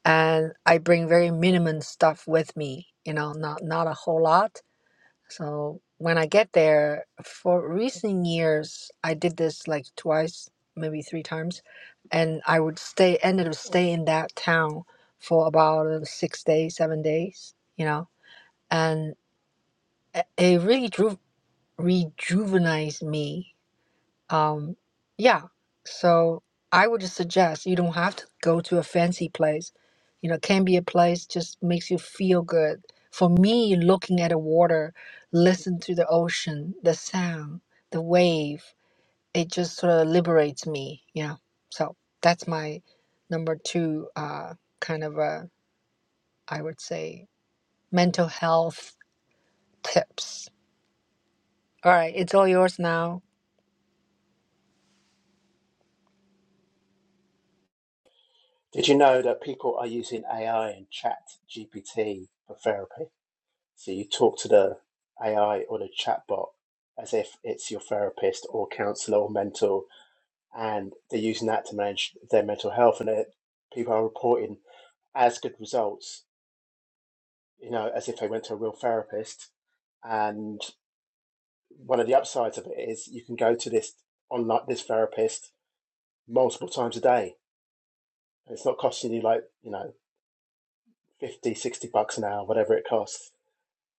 A: And I bring very minimum stuff with me, you know, not not a whole lot so when I get there, for recent years, I did this like twice, maybe three times, and I would stay, ended up stay in that town for about uh, six days, seven days, you know, and it it really drew, rejuvenates me um, yeah. So I would just suggest you don't have to go to a fancy place. You know, can be a place just makes you feel good. For me, looking at the water, listen to the ocean, the sound, the wave, it just sort of liberates me. Yeah. So that's my number two uh, kind of a, I would say, mental health tips. All right, it's all yours now.
G: Did you know that people are using AI and Chat GPT for therapy? So you talk to the AI or the chatbot as if it's your therapist or counselor or mentor, and they're using that to manage their mental health. And it, people are reporting as good results, you know, as if they went to a real therapist. And one of the upsides of it is you can go to this online this therapist multiple times a day. It's not costing you like you know 50, 60 bucks an hour, whatever it costs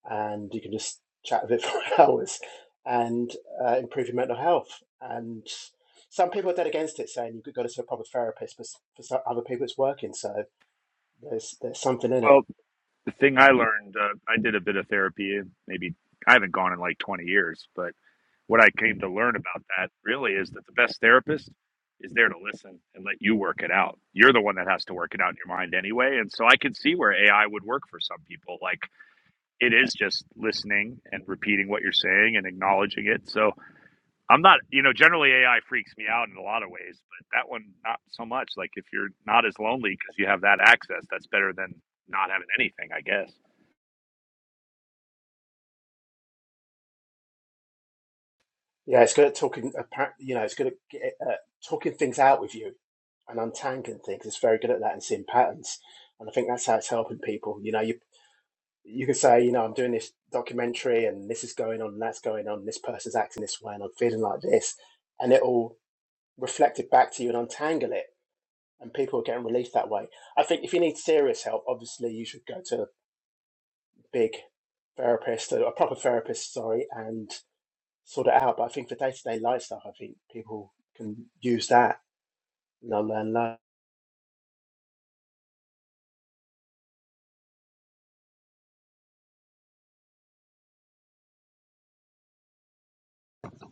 G: and you can just chat with it <laughs> for hours and uh, improve your mental health. And some people are dead against it, saying you've got to see a proper therapist, but for some other people it's working. So there's there's something in it.
C: Well, the thing I learned, uh, I did a bit of therapy. Maybe I haven't gone in like 20 years, but what I came to learn about that really is that the best therapist is there to listen and let you work it out. You're the one that has to work it out in your mind anyway. And so I could see where AI would work for some people, like it is just listening and repeating what you're saying and acknowledging it. So I'm not, you know, generally AI freaks me out in a lot of ways, but that one not so much. Like if you're not as lonely because you have that access, that's better than not having anything, I guess.
G: Yeah, it's good at talking. You know, it's good at uh, talking things out with you and untangling things. It's very good at that and seeing patterns. And I think that's how it's helping people. You know, you you can say, you know, I'm doing this documentary and this is going on and that's going on. And This person's acting this way and I'm feeling like this, and it all reflected back to you and untangle it. And people are getting relief that way. I think if you need serious help, obviously you should go to a big therapist, a proper therapist, sorry, and sort it out. But I think for day to day life stuff, I think people can use that. They'll learn that.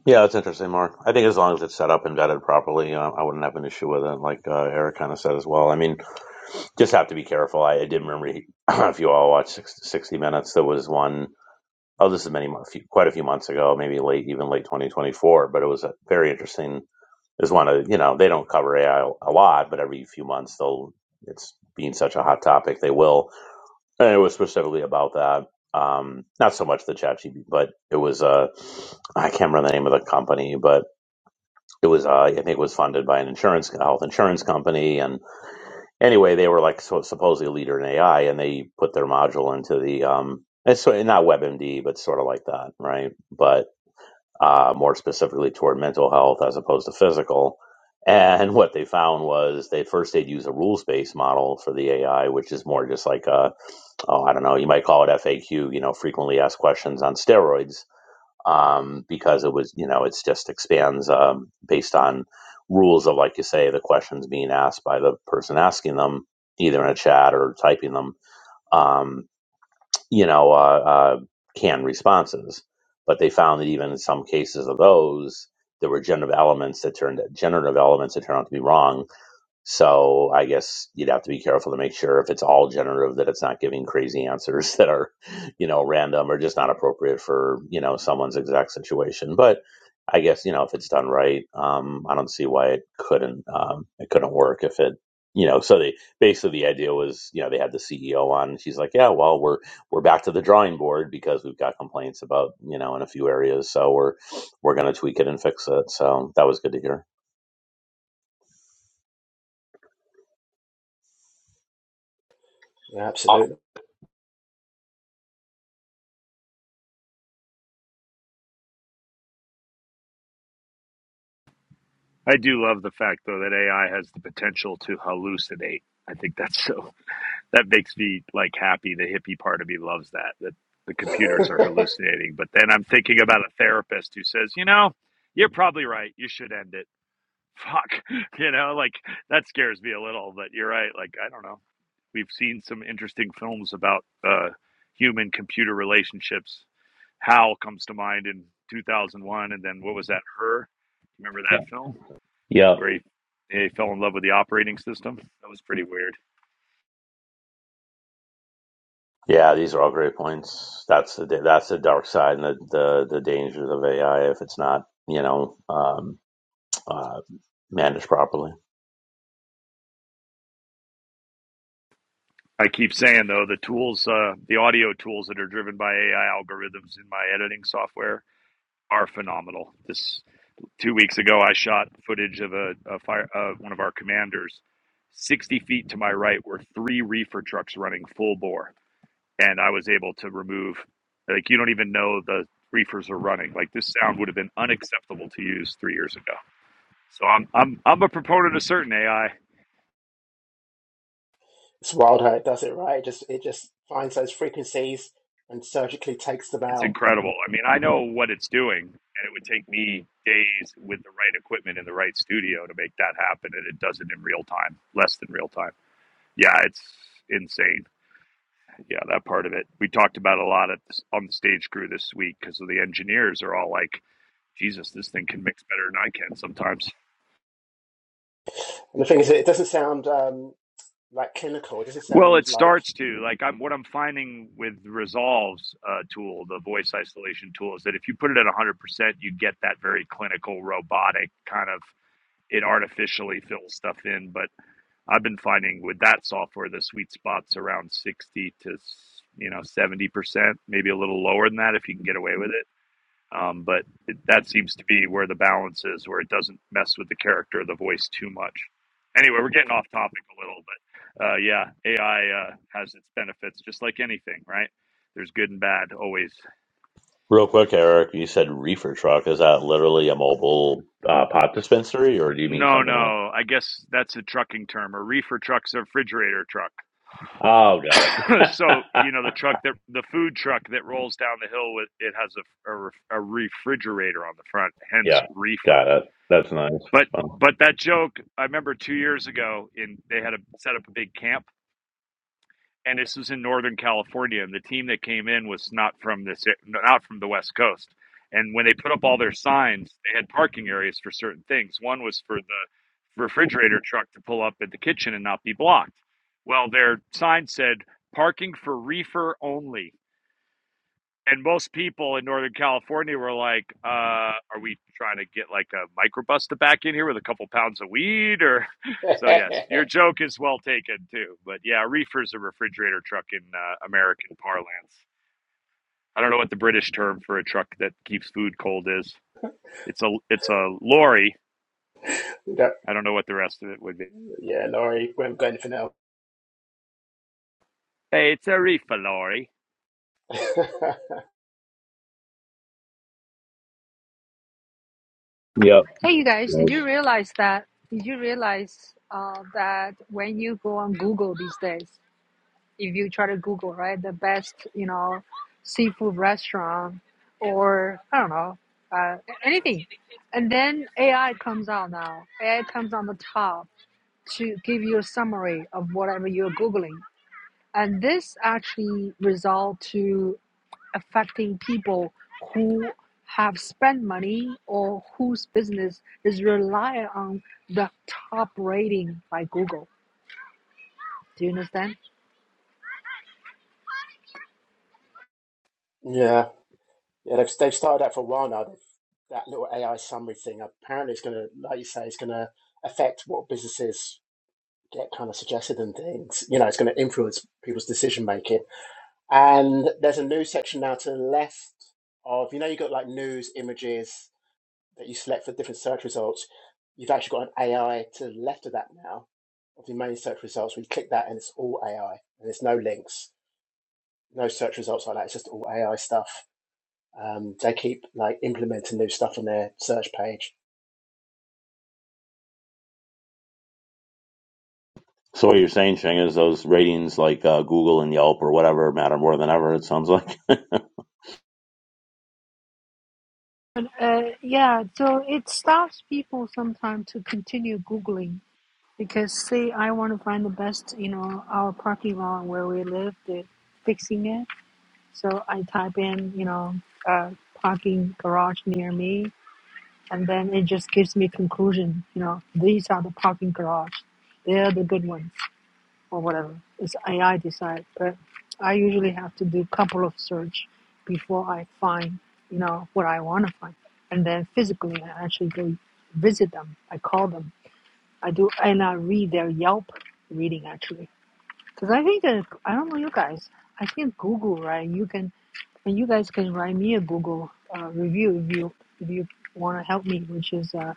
D: Yeah, it's interesting, Mark. I think as long as it's set up and vetted properly, uh, I wouldn't have an issue with it, like uh, Eric kind of said as well. I mean, just have to be careful. I, I did remember he- <clears throat> if you all watched six- 60 Minutes, there was one, oh, this is many, mo- few, quite a few months ago, maybe late, even late 2024, but it was a very interesting. Is one of, you know, they don't cover AI a lot, but every few months they'll, it's being such a hot topic, they will. And it was specifically about that. Um, not so much the chat GP, but it was, uh, I can't remember the name of the company, but it was, uh, I think it was funded by an insurance, a health insurance company. And anyway, they were like so, supposedly a leader in AI and they put their module into the, um, it's sort- not WebMD, but sort of like that, right? But, uh, more specifically toward mental health as opposed to physical. And <laughs> what they found was they first they'd use a rules based model for the AI, which is more just like a, oh, I don't know, you might call it FAQ, you know, frequently asked questions on steroids, um, because it was, you know, it's just expands um, based on rules of, like you say, the questions being asked by the person asking them, either in a chat or typing them, um, you know, uh, uh, canned responses. But they found that even in some cases of those, there were generative elements that turned generative elements that turned out to be wrong so I guess you'd have to be careful to make sure if it's all generative that it's not giving crazy answers <laughs> that are, you know, random or just not appropriate for, you know, someone's exact situation. But I guess, you know, if it's done right, um, I don't see why it couldn't um, it couldn't work if it you know, so they basically the idea was, you know, they had the CEO on and she's like, Yeah, well we're we're back to the drawing board because we've got complaints about, you know, in a few areas. So we're we're gonna tweak it and fix it. So that was good to hear.
G: Yeah, absolutely.
C: I do love the fact though that AI has the potential to hallucinate. I think that's so that makes me like happy. The hippie part of me loves that that the
G: <laughs>
C: computers are hallucinating. But then I'm thinking about a therapist who says, you know, you're probably right. You should end it fuck <laughs> you know like that scares me a little but you're right like i don't know we've seen some interesting films about uh human computer relationships hal comes to mind in 2001 and then what was that her remember
D: Yeah.
C: that film
D: Yeah.
C: where he he fell in love with the operating system that was pretty weird
D: Yeah, these are all great points. That's the that's the dark side and the the, the dangers of AI if it's not you know um, uh, managed properly.
C: i keep saying though the tools uh the audio tools that are driven by ai algorithms in my editing software are phenomenal this two weeks ago, I shot footage of a, a fire of one of our commanders. Sixty feet to my right were three reefer trucks running full bore, and I was able to remove. Like you don't even know the reefers are running. Like this sound would have been unacceptable to use three years ago. So I'm I'm I'm a proponent of certain AI.
G: it's wild how it does it, right? It just it just finds those frequencies and surgically takes them
C: It's
G: out.
C: incredible. I mean, I know what it's doing, and it would take me days with the right equipment in the right studio to make that happen, and it does it in real time, less than real time. Yeah, it's insane. Yeah, that part of it. We talked about a lot at this, on the stage crew this week because the engineers are all like, "Jesus, this thing can mix better than I can sometimes."
G: And the thing is, it doesn't sound um, like clinical. It doesn't
C: Well,
G: sound
C: it
G: like.
C: starts to like I'm what I'm finding with Resolve's uh, tool, the voice isolation tool, is that if you put it at 100, percent you get that very clinical, robotic kind of. It artificially fills stuff in, but I've been finding with that software the sweet spots around 60 to you know 70 percent, maybe a little lower than that if you can get away with it Um, but it, that seems to be where the balance is, where it doesn't mess with the character of the voice too much. Anyway, we're getting off topic a little, but uh, yeah, AI uh, has its benefits, just like anything, right? There's good and bad always.
D: Real quick, Eric, you said reefer truck. Is that literally a mobile uh, pot dispensary, or do you mean
C: No,
D: something else?
C: no, I guess that's a trucking term. A reefer truck's a refrigerator truck.
D: Oh, got
C: <clears throat> so
D: it.
C: you know the truck that the food truck that rolls down the hill with it has a, a, a refrigerator on the front,
D: <laughs>
C: hence
D: yeah,
C: reefer
D: got it. That's nice. It's
C: But
D: fun.
C: but that joke, I remember two years ago, in they had a set up a big camp, and this was in Northern California, and the team that came in was not from this, not from the West Coast. And when they put up all their signs, they had parking areas for certain things. One was for the refrigerator truck to pull up at the kitchen and not be blocked. Well, their sign said parking for reefer only and most people in Northern California were like, uh, "Are we trying to get like a microbus to back in here with a couple pounds of weed?" Or
G: <laughs>
C: <laughs> so.
G: yeah,
C: Yes, your joke is well taken too. But yeah, a reefer is a refrigerator truck in uh, American parlance. I don't know what the British term for a truck that keeps food cold is. It's a it's a lorry. I don't know what the rest of it would be.
G: Laurie, we haven't got anything else.
C: Hey, it's a reefer lorry.
G: <laughs> yeah,
D: Yep.
A: Hey, you guys, did you
D: Nice.
A: realize that? Did you realize uh, that when you go on Google these days, if you try to Google, right, the best, you know, seafood restaurant or I don't know, uh, anything, and then AI comes out now. AI comes on the top to give you a summary of whatever you're Googling. And this actually result to affecting people who have spent money or whose business is reliant on the top rating by Google. Do you understand?
G: yeah. They've, they've started that for a while now. That little AI summary thing. Apparently, it's going to, like you say, it's going to affect what businesses get kind of suggested and things. You know, it's going to influence people's decision making. And there's a news section now to the left of you know you've got like news images that you select for different search results. You've actually got an AI to the left of that now of the main search results. We click that and it's all AI and there's no links, no search results like that. It's just all AI stuff. Um, they keep like implementing new stuff on their search page.
D: So what you're saying, Shing, is those ratings like uh, Google and Yelp or whatever matter more than ever. It sounds like. <laughs>
A: uh, yeah, so it stops people sometimes to continue Googling because, say, I want to find the best, you know, our parking lot where we live, they're fixing it. So I type in, you know, uh, parking garage near me and then it just gives me conclusion. You know, these are the parking garage, they're the good ones, or whatever. It's AI decide, but I usually have to do a couple of search before I find, you know, what I want to find, and then physically I actually go visit them. I call them. I do, and I read their Yelp reading actually, because I think that I don't know you guys. I think Google, right? You can, and you guys can write me a Google uh, review if you if you want to help me, which is. Uh,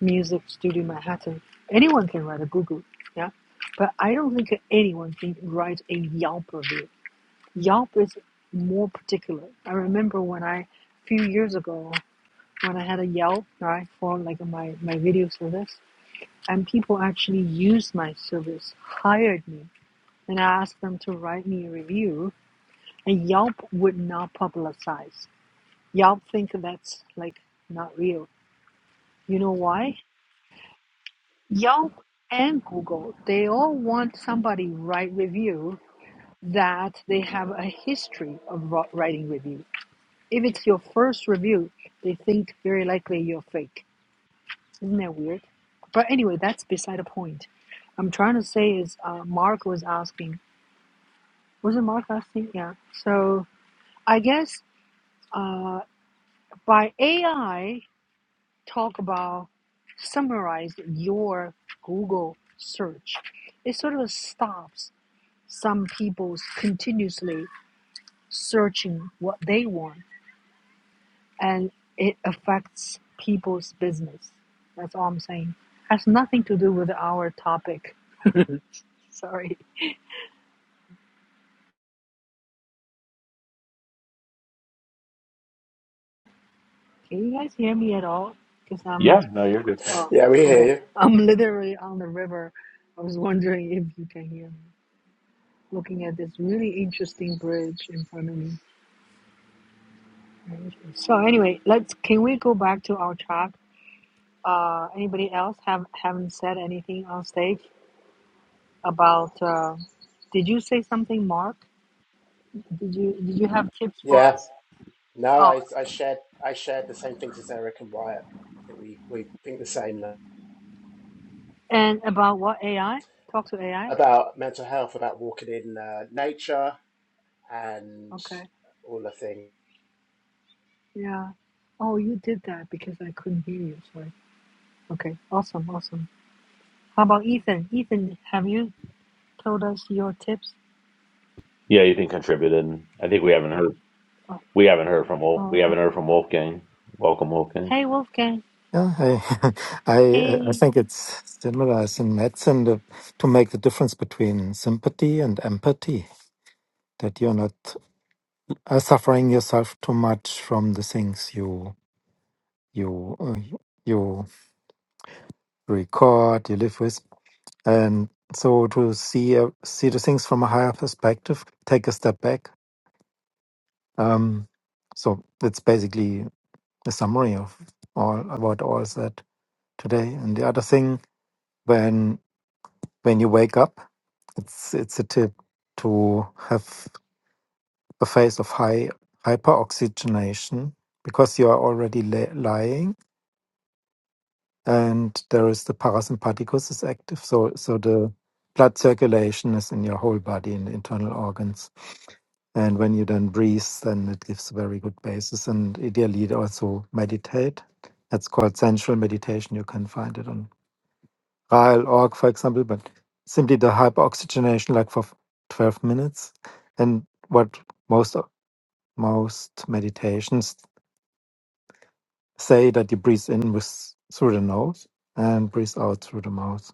A: Music Studio Manhattan. Anyone can write a Google, yeah. But I don't think anyone can write a Yelp review. Yelp is more particular. I remember when I, a few years ago, when I had a Yelp, right, for like my, my video service, and people actually used my service, hired me, and I asked them to write me a review, and Yelp would not publicize. Yelp think that's like not real. You know why? Yelp and Google, they all want somebody write review that they have a history of writing review. If it's your first review, they think very likely you're fake. Isn't that weird? But anyway, that's beside the point. I'm trying to say is uh, Mark was asking, was it Mark asking? Yeah. So I guess uh, by AI, talk about summarize your Google search. It sort of stops some people's continuously searching what they want and it affects people's business. That's all I'm saying. Has nothing to do with our topic. Sorry. Can you guys hear me at all? Because I'm,
D: Yeah, no, you're good.
A: oh,
G: Yeah, we hear
A: okay.
G: you.
A: I'm literally on the river. I was wondering if you can hear me. Looking at this really interesting bridge in front of me. So anyway, let's, can we go back to our talk? Uh, anybody else have, haven't said anything on stage? about uh, did you say something mark did you did you have tips for
G: Yeah.
A: us
G: No,
A: oh
G: I, I shared I shared the same things as Eric and Wyatt. I think we, we think the same now.
A: and about what ai talk to ai
G: about mental health, about walking in uh, nature and
A: okay
G: all the things.
A: yeah oh you did that because i couldn't hear you sorry okay awesome awesome how about ethan ethan have you told us your tips
D: Yeah, you think contributed. I think we haven't heard.
A: oh,
D: We haven't heard from Wolf.
A: oh
D: We
A: okay
D: haven't heard from Wolfgang. Welcome, Wolfgang.
A: hey wolfgang
F: Yeah, I, <laughs> I, I
A: hey
F: think it's similar as in medicine to, to make the difference between sympathy and empathy. That you're not uh, suffering yourself too much from the things you you uh, you record, you live with, and so to see uh, see the things from a higher perspective, take a step back. Um, so that's basically a summary of all about all that today. And the other thing when when you wake up. It's it's a tip to have a phase of high hyperoxygenation because you are already la- lying and there is the parasympathicus is active. So so the blood circulation is in your whole body in the internal organs. And when you then breathe, then it gives a very good basis. And ideally, it also meditate. That's called sensual meditation. You can find it on trial org, for example, but simply the hyperoxygenation, like for 12 minutes. And what most most meditations say that you breathe in with through the nose and breathe out through the mouth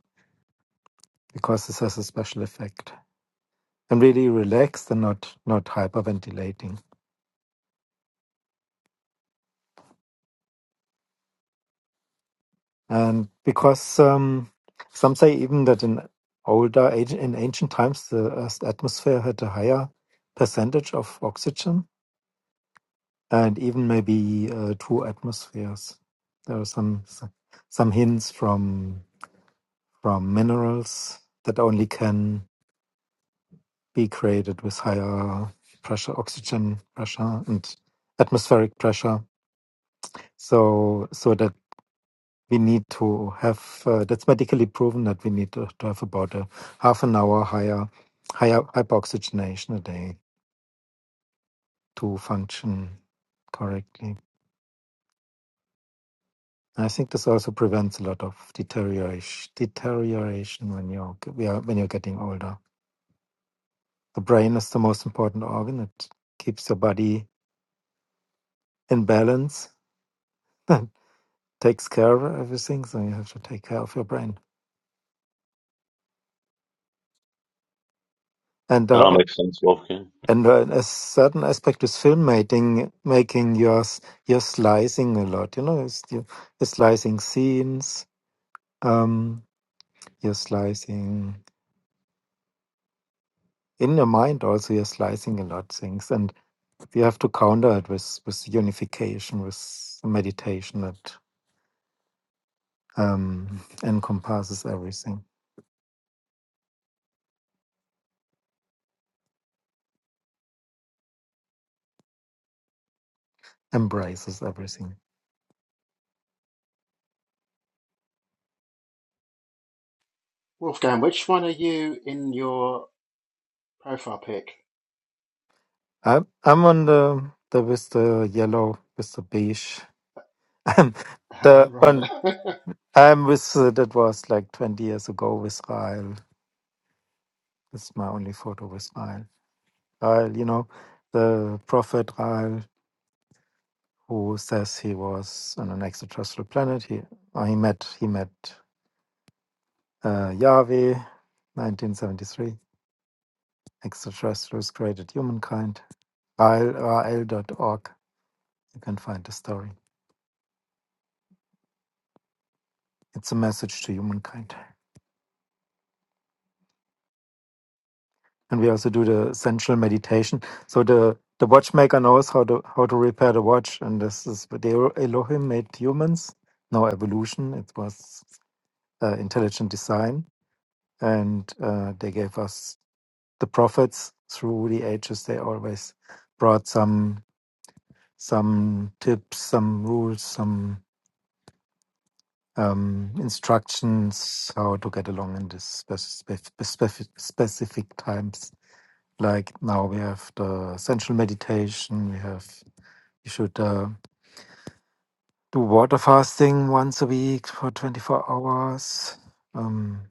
F: because this has a special effect. I'm really relaxed and not not hyperventilating. And because um, some say even that in older age, in ancient times, the Earth's atmosphere had a higher percentage of oxygen and even maybe uh, two atmospheres. There are some some some hints from from minerals that only can be created with higher pressure, oxygen pressure, and atmospheric pressure. So so that we need to have uh, that's medically proven that we need to, to have about a half an hour higher higher hyperoxygenation a day to function correctly. I think this also prevents a lot of deterioration deterioration when you're g- we are- when you're getting older. The brain is the most important organ. It keeps your body in balance <laughs> and takes care of everything. So you have to take care of your brain. And
D: That all
F: uh,
D: makes sense, Wolfgang.
F: and uh, a certain aspect is filmmaking, making your s- you're slicing a lot. You know, it's, you- you're slicing scenes. Um, you're slicing in your mind also. You're slicing a lot of things, and you have to counter it with with unification, with meditation that um, encompasses everything, embraces everything.
G: Wolfgang, which one are you in your profile pic?
F: I'm I'm on the the with the yellow with the beige. <laughs>
G: <laughs>
F: the
G: right.
F: on
G: <laughs>
F: I'm with uh, that was like 20 years ago with Rael. It's my only photo with Rael. Rael, you know, the prophet Rael who says he was on an extraterrestrial planet. He uh, he met he met. uh, Yahweh, 1973, extraterrestrials created humankind, R L dot org. You can find the story. It's a message to humankind. And we also do the central meditation. So the, the watchmaker knows how to how to repair the watch, and this is what the Elohim made humans. No evolution. It was uh, intelligent design, and uh, they gave us the prophets through the ages. They always brought some some tips, some rules, some um, instructions how to get along in this specific, specific, specific times. Like now we have the essential meditation. We have you should uh, do water fasting once a week for 24 hours. Um,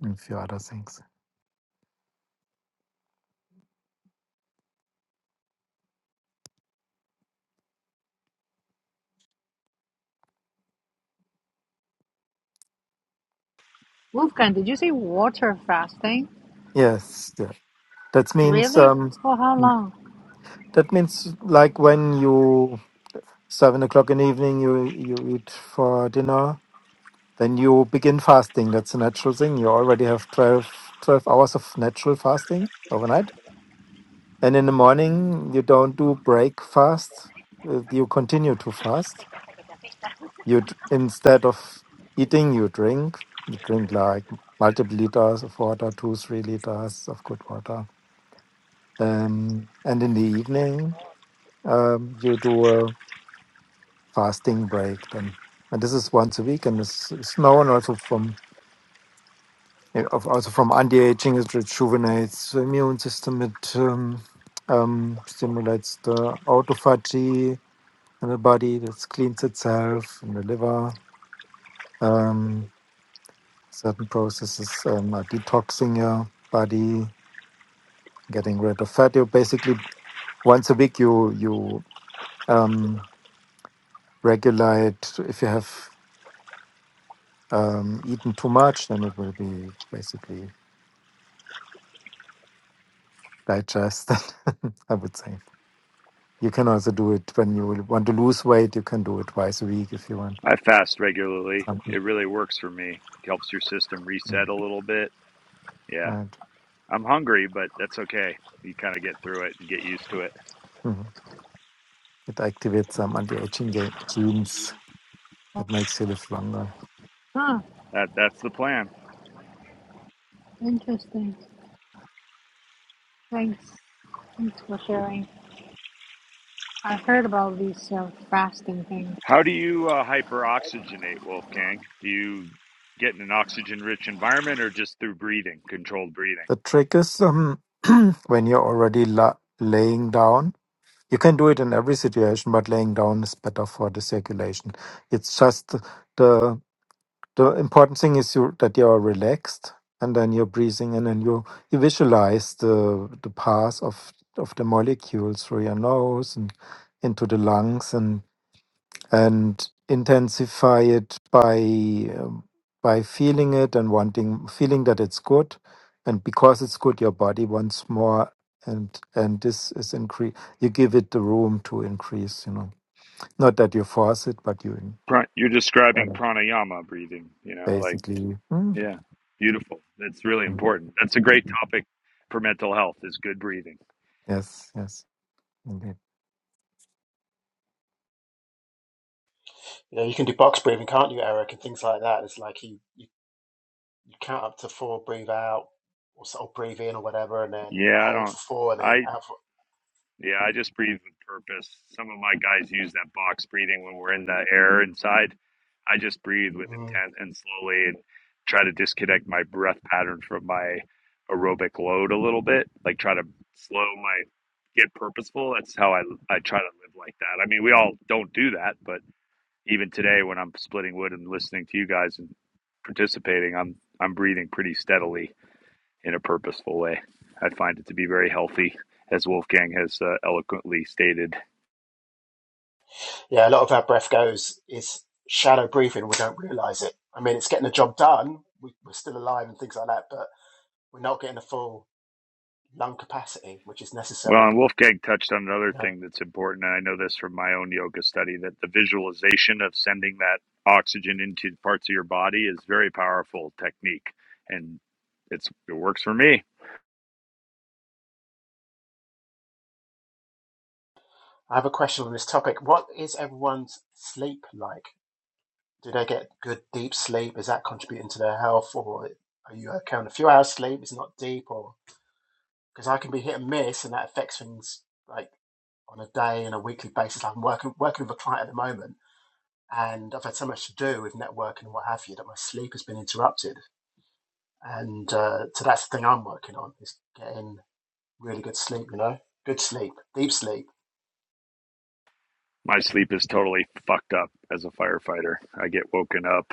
F: and a few other things.
A: wolfgang did you say water fasting
F: Yes, yeah. that means
A: really
F: um,
A: for how long
F: that means like when you seven o'clock in the evening you you eat for dinner then you begin fasting. That's a natural thing. You already have 12 12 hours of natural fasting overnight. And in the morning, you don't do breakfast. uh, You continue to fast. You d- instead of eating, you drink. You drink like multiple liters of water, two, three liters of good water. Um, and in the evening, um, you do a fasting break. Then. And this is once a week, and it's, it's known also from Ja, auf- also from anti-aging, it rejuvenates the immune system, it um, um, stimulates the autophagy in the body, that cleans itself in the liver. Um, certain processes um, are detoxing your body, getting rid of fat. You basically once a week you you um, regulate. If you have um, eaten too much, then it will be basically digested. <laughs> I would say. You can also do it when you will want to lose weight. You can do it twice a week if you want
C: I fast regularly.
F: something.
C: It really works for me. Helps your system
F: Mm.
C: reset a little bit. Yeah.
F: And
C: I'm hungry, but that's okay. You kind of get through it and get used to it.
F: mm, it activates some anti-aging ga- genes that makes you live longer.
A: huh
C: That that's the plan.
A: interesting thanks thanks for sharing I heard about this uh, fasting thing.
C: How do you uh, hyperoxygenate, Wolfgang? Do you get in an oxygen-rich environment, or just through breathing, controlled breathing?
F: The trick is um, <clears throat> when you're already la- laying down. You can do it in every situation, but laying down is better for the circulation. It's just the. the important thing is you that you are relaxed and then you're breathing and then you you visualize the the path of of the molecules through your nose and into the lungs and and intensify it by um, by feeling it and wanting feeling that it's good and because it's good your body wants more and and this is increase you give it the room to increase you know not that you force it but you in-
C: Pra- You're
F: Got
C: describing pranayama breathing. You know, like
F: basically mm,
C: yeah, beautiful. That's really
F: mm.
C: important. That's a great topic for mental health. Is good breathing.
F: Yes, yes, indeed.
G: you know, you can do box breathing, can't you, Eric, and things like that. It's like you, you, you count up to four, breathe out, or, s- or breathe in, or whatever, and then
C: Yeah, I
G: hold
C: don't.
G: for four, and
C: I
G: then out for
C: Yeah, I just breathe with purpose. Some of my guys use that box breathing when we're in the air inside. I just breathe with
G: Mm.
C: intent and slowly and try to disconnect my breath pattern from my aerobic load a little bit. Like try to slow my get purposeful. That's how I I try to live like that. I mean, we all don't do that, but even today when I'm splitting wood and listening to you guys and participating, I'm I'm breathing pretty steadily in a purposeful way. I find it to be very healthy, as Wolfgang has uh, eloquently stated.
G: Yeah, a lot of our breath goes is shallow breathing. We don't realize it. I mean, it's getting the job done. We, we're still alive and things like that, but we're not getting the full lung capacity, which is
C: Well,
G: necessary.
C: and Wolfgang touched on
G: You
C: another
G: know,
C: thing that's important, and I know this from my own yoga study that the visualization of sending that oxygen into parts of your body is a very powerful technique, and it's it works for me.
G: I have a question on this topic. What is everyone's sleep like? Do they get good deep sleep? Is that contributing to their health, or are you okay on a few hours sleep? It's not deep, or because I can be hit and miss, and that affects things like on a day and a weekly basis. like, I'm working working with a client at the moment and I've had so much to do with networking and what have you that my sleep has been interrupted. And uh, so that's the thing I'm working on is getting really good sleep. You know, good sleep, deep sleep.
C: My sleep is totally fucked up as a firefighter. I get woken up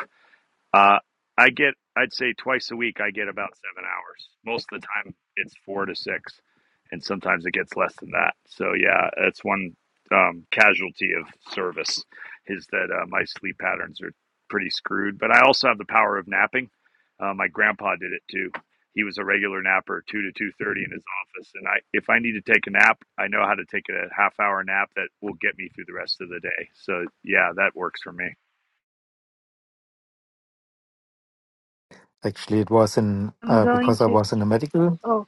C: Uh, I get, I'd say twice a week, I get about seven hours. Most of the time, it's four to six, and sometimes it gets less than that. So, yeah, that's one um, casualty of service is that uh, my sleep patterns are pretty screwed. But I also have the power of napping. Uh, my grandpa did it too. He was a regular napper, two to two thirty in his office, and I, if I need to take a nap, I know how to take a half hour nap that will get me through the rest of the day. So, yeah, that works for me.
F: Actually, it was in
A: I'm
F: uh,
A: going
F: because I
A: to.
F: was in a medical.
A: Oh,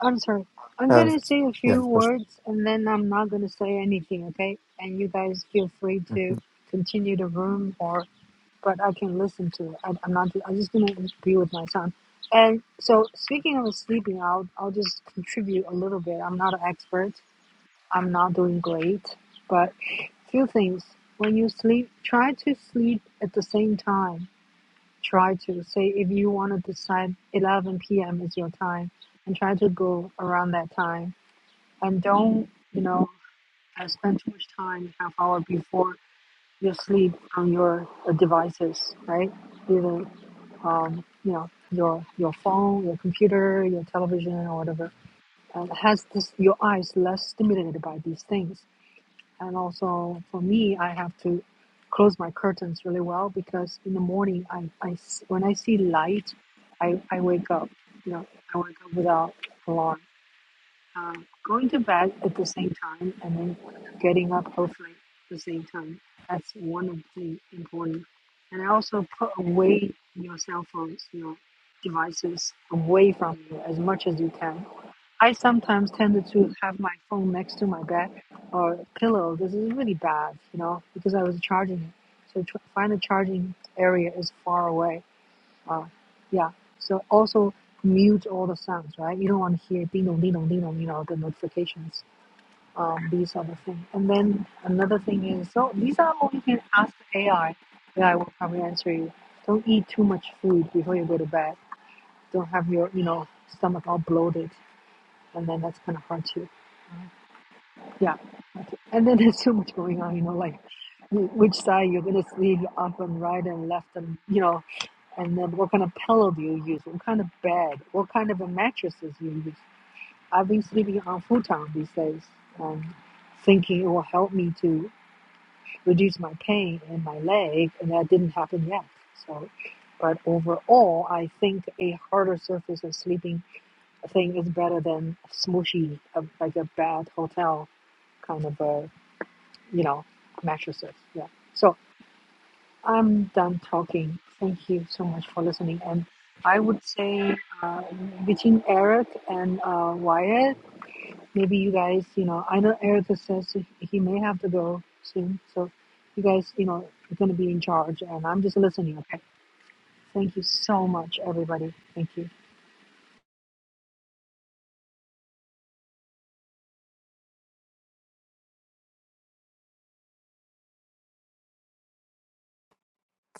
A: I'm sorry. I'm
F: Uh,
A: gonna say a
F: yeah,
A: few
F: first-
A: words and then I'm not gonna say anything, okay? And you guys feel free to continue the room or, but I can listen to it. I, I'm not. I'm just gonna be with my son. And so, speaking of sleeping, I'll I'll just contribute a little bit. I'm not an expert. I'm not doing great, but few things. When you sleep, try to sleep at the same time try to say if you want to decide 11 p.m. is your time and try to go around that time and don't you know uh, spend too much time half hour before you sleep on your uh, devices right either um, you know your your phone your computer your television or whatever and has this your eyes less stimulated by these things and also for me, I have to close my curtains really well because in the morning, I I when I see light, I, I wake up. You know, I wake up without alarm. Um, going to bed at the same time and then getting up hopefully at the same time. That's one of the important. And I also put away your cell phones, your devices away from you as much as you can I sometimes tended to have my phone next to my bed or pillow. This is really bad, you know, because I was charging it. So tr- find a charging area is far away. Uh, yeah. So also mute all the sounds, right? You don't want to hear ding dong, ding dong, ding dong, you know, the notifications. Um, these are the things. And then another thing is, so these are all you can ask the AI. AI will probably answer you. Don't eat too much food before you go to bed. Don't have your, you know, stomach all bloated and then that's kind of hard to yeah and then <laughs> there's so much going on you know like which side you're going to sleep up and right and left and you know and then what kind of pillow do you use what kind of bed what kind of a mattresses you use i've been sleeping on futon these days um, thinking it will help me to reduce my pain in my leg and that didn't happen yet so but overall i think a harder surface of sleeping thing is better than smooshy, uh, like a bad hotel kind of a, you know, mattresses. Yeah. So I'm done talking. Thank you so much for listening. And I would say uh, between Eric and uh, Wyatt, maybe you guys, you know, I know Eric says he he may have to go soon. So you guys, you know, are going to be in charge. And I'm just listening. Okay. Thank you so much, everybody. Thank you.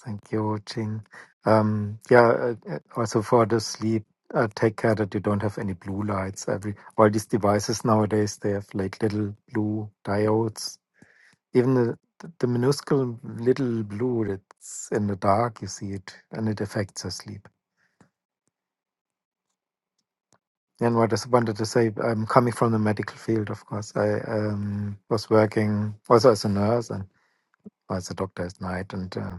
F: thank you, Ching. Um, yeah, uh, uh, also for the sleep, uh, take care that you don't have any blue lights. Every all these devices nowadays, they have like little blue diodes. Even the, the minuscule little blue that's in the dark, you see it, and it affects your sleep. And what I just wanted to say, I'm coming from the medical field, of course. I um, was working also as a nurse and as a doctor at night, and uh,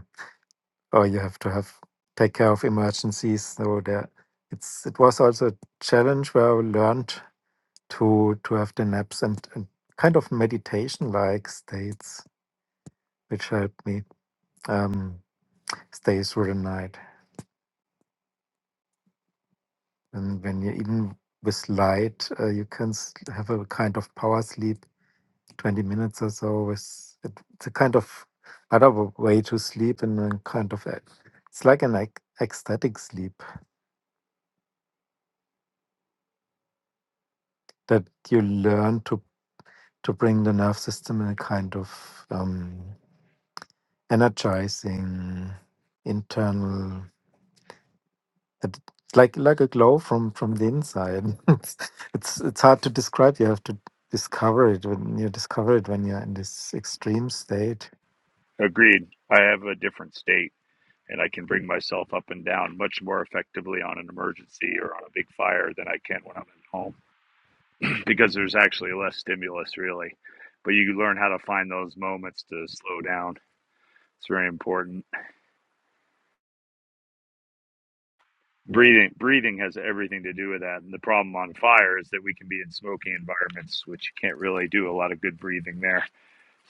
F: oh, you have to have take care of emergencies. So there, it's it was also a challenge where I learned to to have the naps and, and kind of meditation like states, which helped me um, stay through the night. And when you even with light, uh, you can s- have a kind of power sleep 20 minutes or so is it, it's a kind of another way to sleep and a kind of a- it's like an ec- ecstatic sleep that you learn to to bring the nerve system in a kind of um, energizing internal it- it's like like a glow from from the inside <laughs> it's, it's it's hard to describe you have to discover it when you discover it when you're in this extreme state
C: Agreed. I have a different state. and I can bring myself up and down much more effectively on an emergency or on a big fire than I can when I'm at home <clears throat> because there's actually less stimulus, really. But you learn how to find those moments to slow down. It's very important. Breathing, breathing has everything to do with that. And the problem on fire is that we can be in smoky environments, which you can't really do a lot of good breathing there.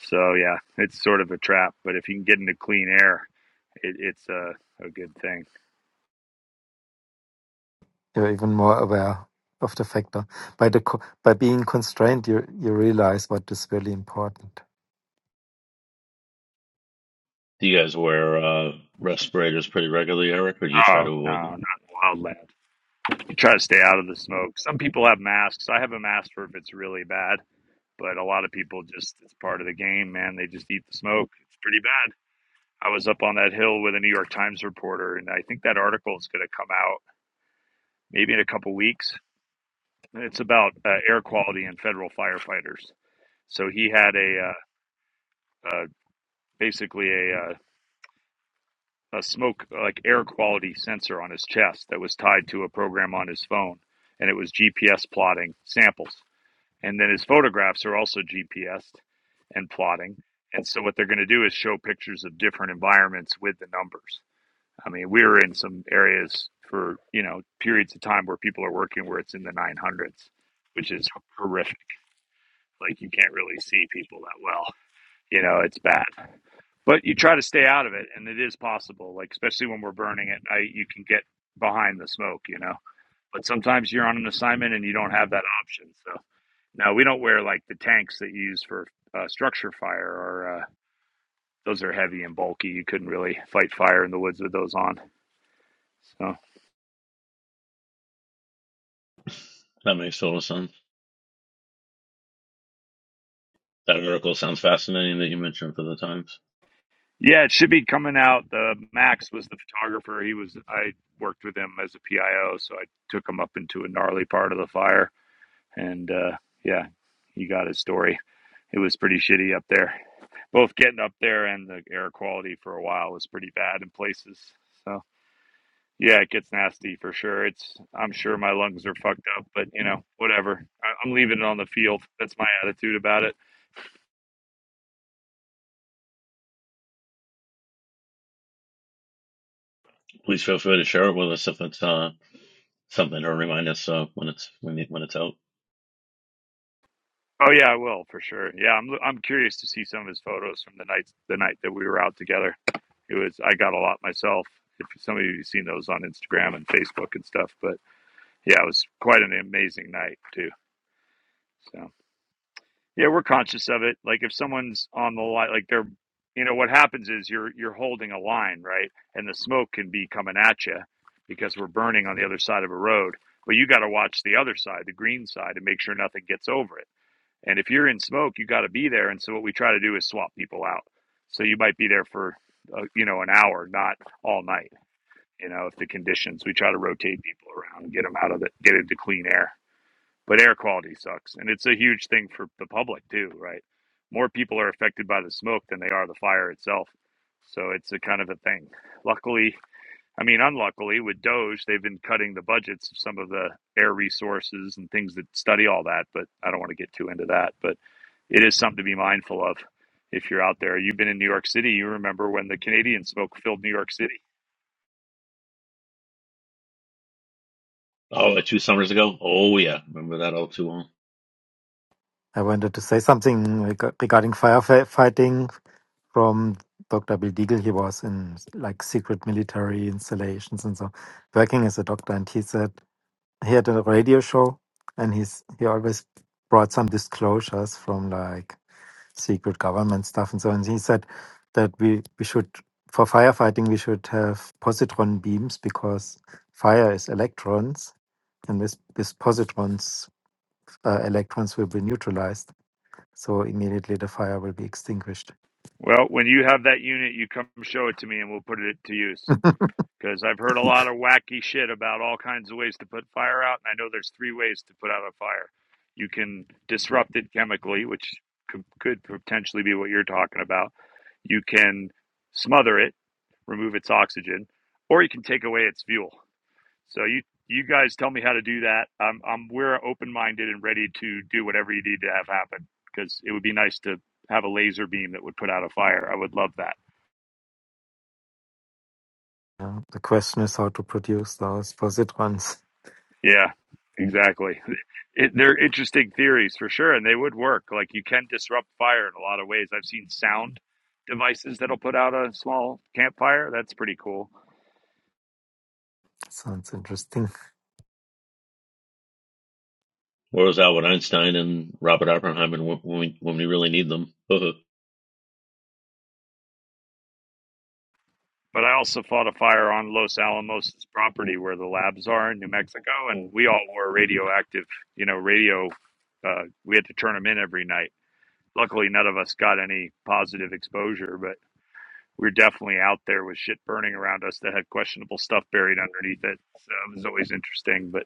C: So yeah, it's sort of a trap. But if you can get into clean air, it, it's a, a good thing.
F: You're even more aware of the factor. By the co- by being constrained, you you realize what is really important.
D: Do you guys wear uh, respirators pretty regularly, Eric, or do you try
C: Oh
D: to
C: no,
D: avoid them?
C: not wildland. you try to stay out of the smoke. Some people have masks. I have a mask for if it's really bad, but a lot of people just it's part of the game, man. They just eat the smoke. It's pretty bad. I was up on that hill with a New York Times reporter, and I think that article is going to come out maybe in a couple weeks. It's about uh, air quality and federal firefighters. So he had a uh, uh, basically a, uh, a smoke like air quality sensor on his chest that was tied to a program on his phone, and it was GPS plotting samples. And then his photographs are also GPSed and plotting. And so what they're going to do is show pictures of different environments with the numbers. I mean, we were in some areas for, you know, periods of time where people are working where it's in the 900s, which is horrific. Like you can't really see people that well. You know, it's bad. But you try to stay out of it and it is possible, like especially when we're burning at night, you can get behind the smoke, you know. But sometimes you're on an assignment and you don't have that option. So. No, we don't wear like the tanks that you use for uh, structure fire, or uh, those are heavy and bulky. You couldn't really fight fire in the woods with those on. So
D: That makes total sense. That article sounds fascinating that you mentioned for the Times.
C: yeah, it should be coming out. The Max was the photographer. He was I worked with him as a PIO, so I took him up into a gnarly part of the fire, and uh, yeah, he got his story. It was pretty shitty up there. Both getting up there and the air quality for a while was pretty bad in places. So. Yeah, it gets nasty for sure. It's I'm sure my lungs are fucked up, but you know, whatever. I, I'm leaving it on the field. That's my attitude about it.
D: Please feel free to share it with us if it's uh, something or remind us uh, when it's when, it, when it's out.
C: Oh yeah, I will for sure. Yeah, I'm I'm curious to see some of his photos from the night the night that we were out together. It was I got a lot myself. If some of you've seen those on Instagram and Facebook and stuff, but yeah, it was quite an amazing night too. So. Yeah, we're conscious of it. Like if someone's on the line, like they're, you know, what happens is you're you're holding a line, right? And the smoke can be coming at you because we're burning on the other side of a road. But you got to watch the other side, the green side, and make sure nothing gets over it. And if you're in smoke, you got to be there. And so what we try to do is swap people out. So you might be there for, uh, you know, an hour, not all night. You know, if the conditions, we try to rotate people around, and get them out of the, get into clean air but air quality sucks and it's a huge thing for the public too right more people are affected by the smoke than they are the fire itself so it's a kind of a thing luckily i mean unluckily with doge they've been cutting the budgets of some of the air resources and things that study all that but i don't want to get too into that but it is something to be mindful of if you're out there you've been in new york city you remember when the canadian smoke filled new york city
D: Oh, like two summers ago. Oh yeah, remember that all too well.
F: I wanted to say something reg- regarding firefighting from Dr. Bill Deagle. He was in like secret military installations and so working as a doctor. And he said he had a radio show and he's, he always brought some disclosures from like secret government stuff and so on. He said that we, we should, for firefighting, we should have positron beams because fire is electrons, and with, with positrons, uh, electrons will be neutralized. So immediately the fire will be extinguished.
C: well when you have that unit you come show it to me and we'll put it to use
F: <laughs>
C: because I've heard a lot of wacky shit about all kinds of ways to put fire out, and I know there's three ways to put out a fire. You can disrupt it chemically, which could, could potentially be what you're talking about. You can smother it, remove its oxygen, or you can take away its fuel. So you you guys tell me how to do that. I'm, I'm we're open minded and ready to do whatever you need to have happen because it would be nice to have a laser beam that would put out a fire. I would love that.
F: Yeah. The question is how to produce those positrons.
C: Yeah, exactly. It, they're interesting theories for sure, and they would work. Like you can disrupt fire in a lot of ways. I've seen sound devices that'll put out a small campfire. That's pretty cool.
F: <laughs> Sounds interesting.
D: Where was that with Einstein and Robert Oppenheimer when we when we really need them? <laughs> wow,
C: But I also fought a fire on Los Alamos' property where the labs are in New Mexico, and we all wore radioactive, you know, radio. Uh, we had to turn them in every night. Luckily, none of us got any positive exposure, we were definitely out there with shit burning around us that had questionable stuff buried underneath it. So it was always interesting, but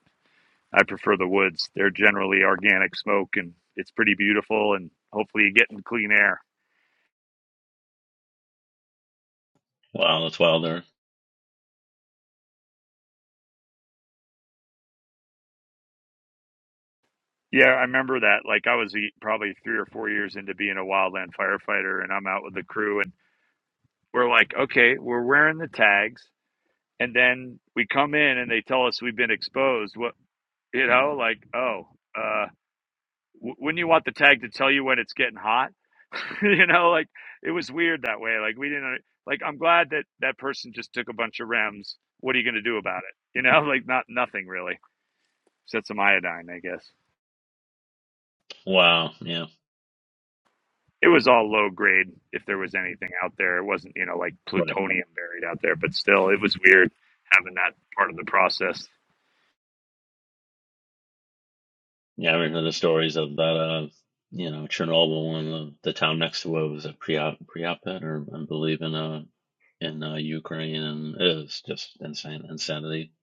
C: I prefer the woods. They're generally organic smoke and it's pretty beautiful and hopefully you get in clean air.
D: that's wild there.
C: Yeah, I remember that. Like I was eh, probably three or four years into being a wildland firefighter and I'm out with the crew and we're like, okay, we're wearing the tags and then we come in and they tell us we've been exposed. What, you know, like, oh, uh, w- wouldn't you want the tag to tell you when it's getting hot? <laughs> you know, like it was weird that way. Like we didn't like I'm glad that that person just took a bunch of rems. What are you going to do about it? You know, <laughs> like not nothing really. Except some iodine, I guess.
D: Wow, yeah,
C: It was all low grade if there was anything out there. It wasn't, you know, like
D: right.
C: plutonium buried out there, but still it was weird having that part of the process.
D: Yeah, I remember the stories of that. Uh, you know, Chernobyl and the, the town next to it was a Priap, Priapet, or I believe in uh in uh, Ukraine, and it was just insane insanity.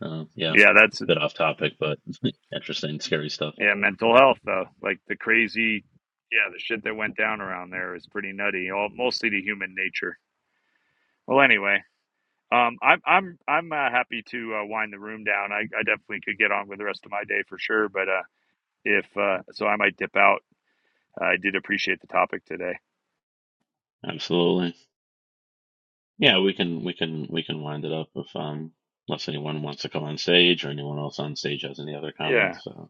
D: Uh, yeah,
C: Yeah, that's
D: bit off topic, but <laughs> interesting, scary stuff.
C: yeah, mental health though. Like the crazy yeah, the shit that went down around there is pretty nutty. All mostly to human nature. Well, anyway, Um, I'm I'm I'm uh, happy to uh, wind the room down. I, I definitely could get on with the rest of my day for sure, but uh, if uh, so, I might dip out. I did appreciate the topic today.
D: Absolutely. Yeah, we can we can we can wind it up if um unless anyone wants to come on stage or anyone else on stage has any other
C: Yeah,
D: comments. So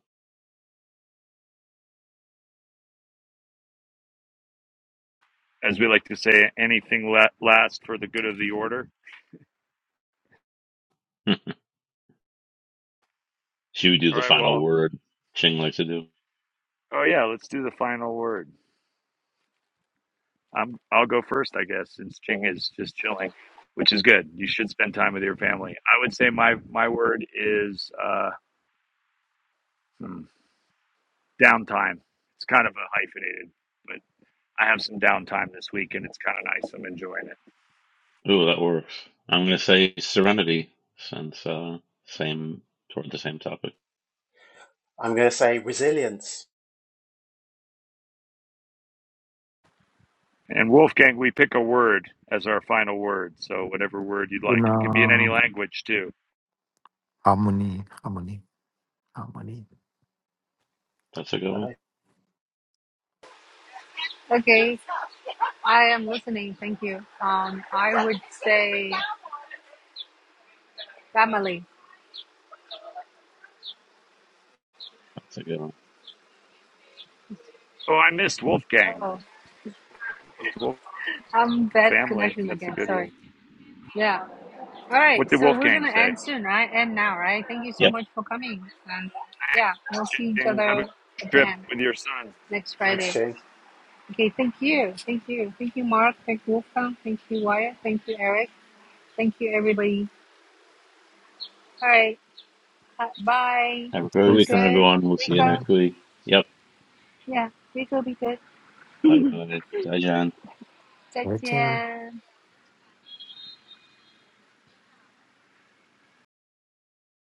C: as we like to say, anything la- last for the good of the order.
D: <laughs> should we do
C: All
D: the
C: right.
D: final
C: Well,
D: word? Ching likes to do.
C: oh yeah, let's do the final word. I'm I'll go first, I guess, since Ching is just chilling, which is good. You should spend time with your family. I would say my my word is uh, hmm, downtime. It's kind of a hyphenated. but. I have some downtime this week, and it's kind of nice. I'm enjoying it.
D: Ooh, that works. I'm gonna say Serenity since uh same toward the same topic.
G: I'm going to say resilience.
C: And Wolfgang, we pick a word as our final word. So whatever word you'd like,
F: In
C: it could be in any
F: uh,
C: language too.
F: harmony, harmony, harmony.
D: That's a good one.
G: No,
A: Okay. I am listening. Thank you. Um, I would say family.
D: That's a good one.
C: Oh, I missed Wolfgang.
A: Uh-oh.
C: Wolf
A: I'm bad
C: family.
A: connection
C: That's a
A: again.
C: good one.
A: Sorry. Yeah. All
C: What
A: right.
C: did
A: So we're going
C: Wolfgang
A: to
C: say?
A: end soon, right? End now, right? Thank you so
D: Yep.
A: much for coming. And yeah, we'll see each
C: Have
A: other
C: a trip
A: again
C: with your son.
A: next
G: thanks,
A: Friday.
G: Jane.
A: Okay. Thank you. Thank you. Thank you, Mark. Thank you, Wolfgang. Thank you, Wyatt. Thank you, Eric. Thank you, everybody. All right. Uh, bye.
D: Have a
F: It's
D: great
A: Be
F: based,
D: weekend,
A: good.
D: everyone. We'll see you
A: Rico.
F: uh,
D: next week. Yep.
A: Yeah. Rico, be good.
D: Bye bye. Bye, John.
F: right, uh,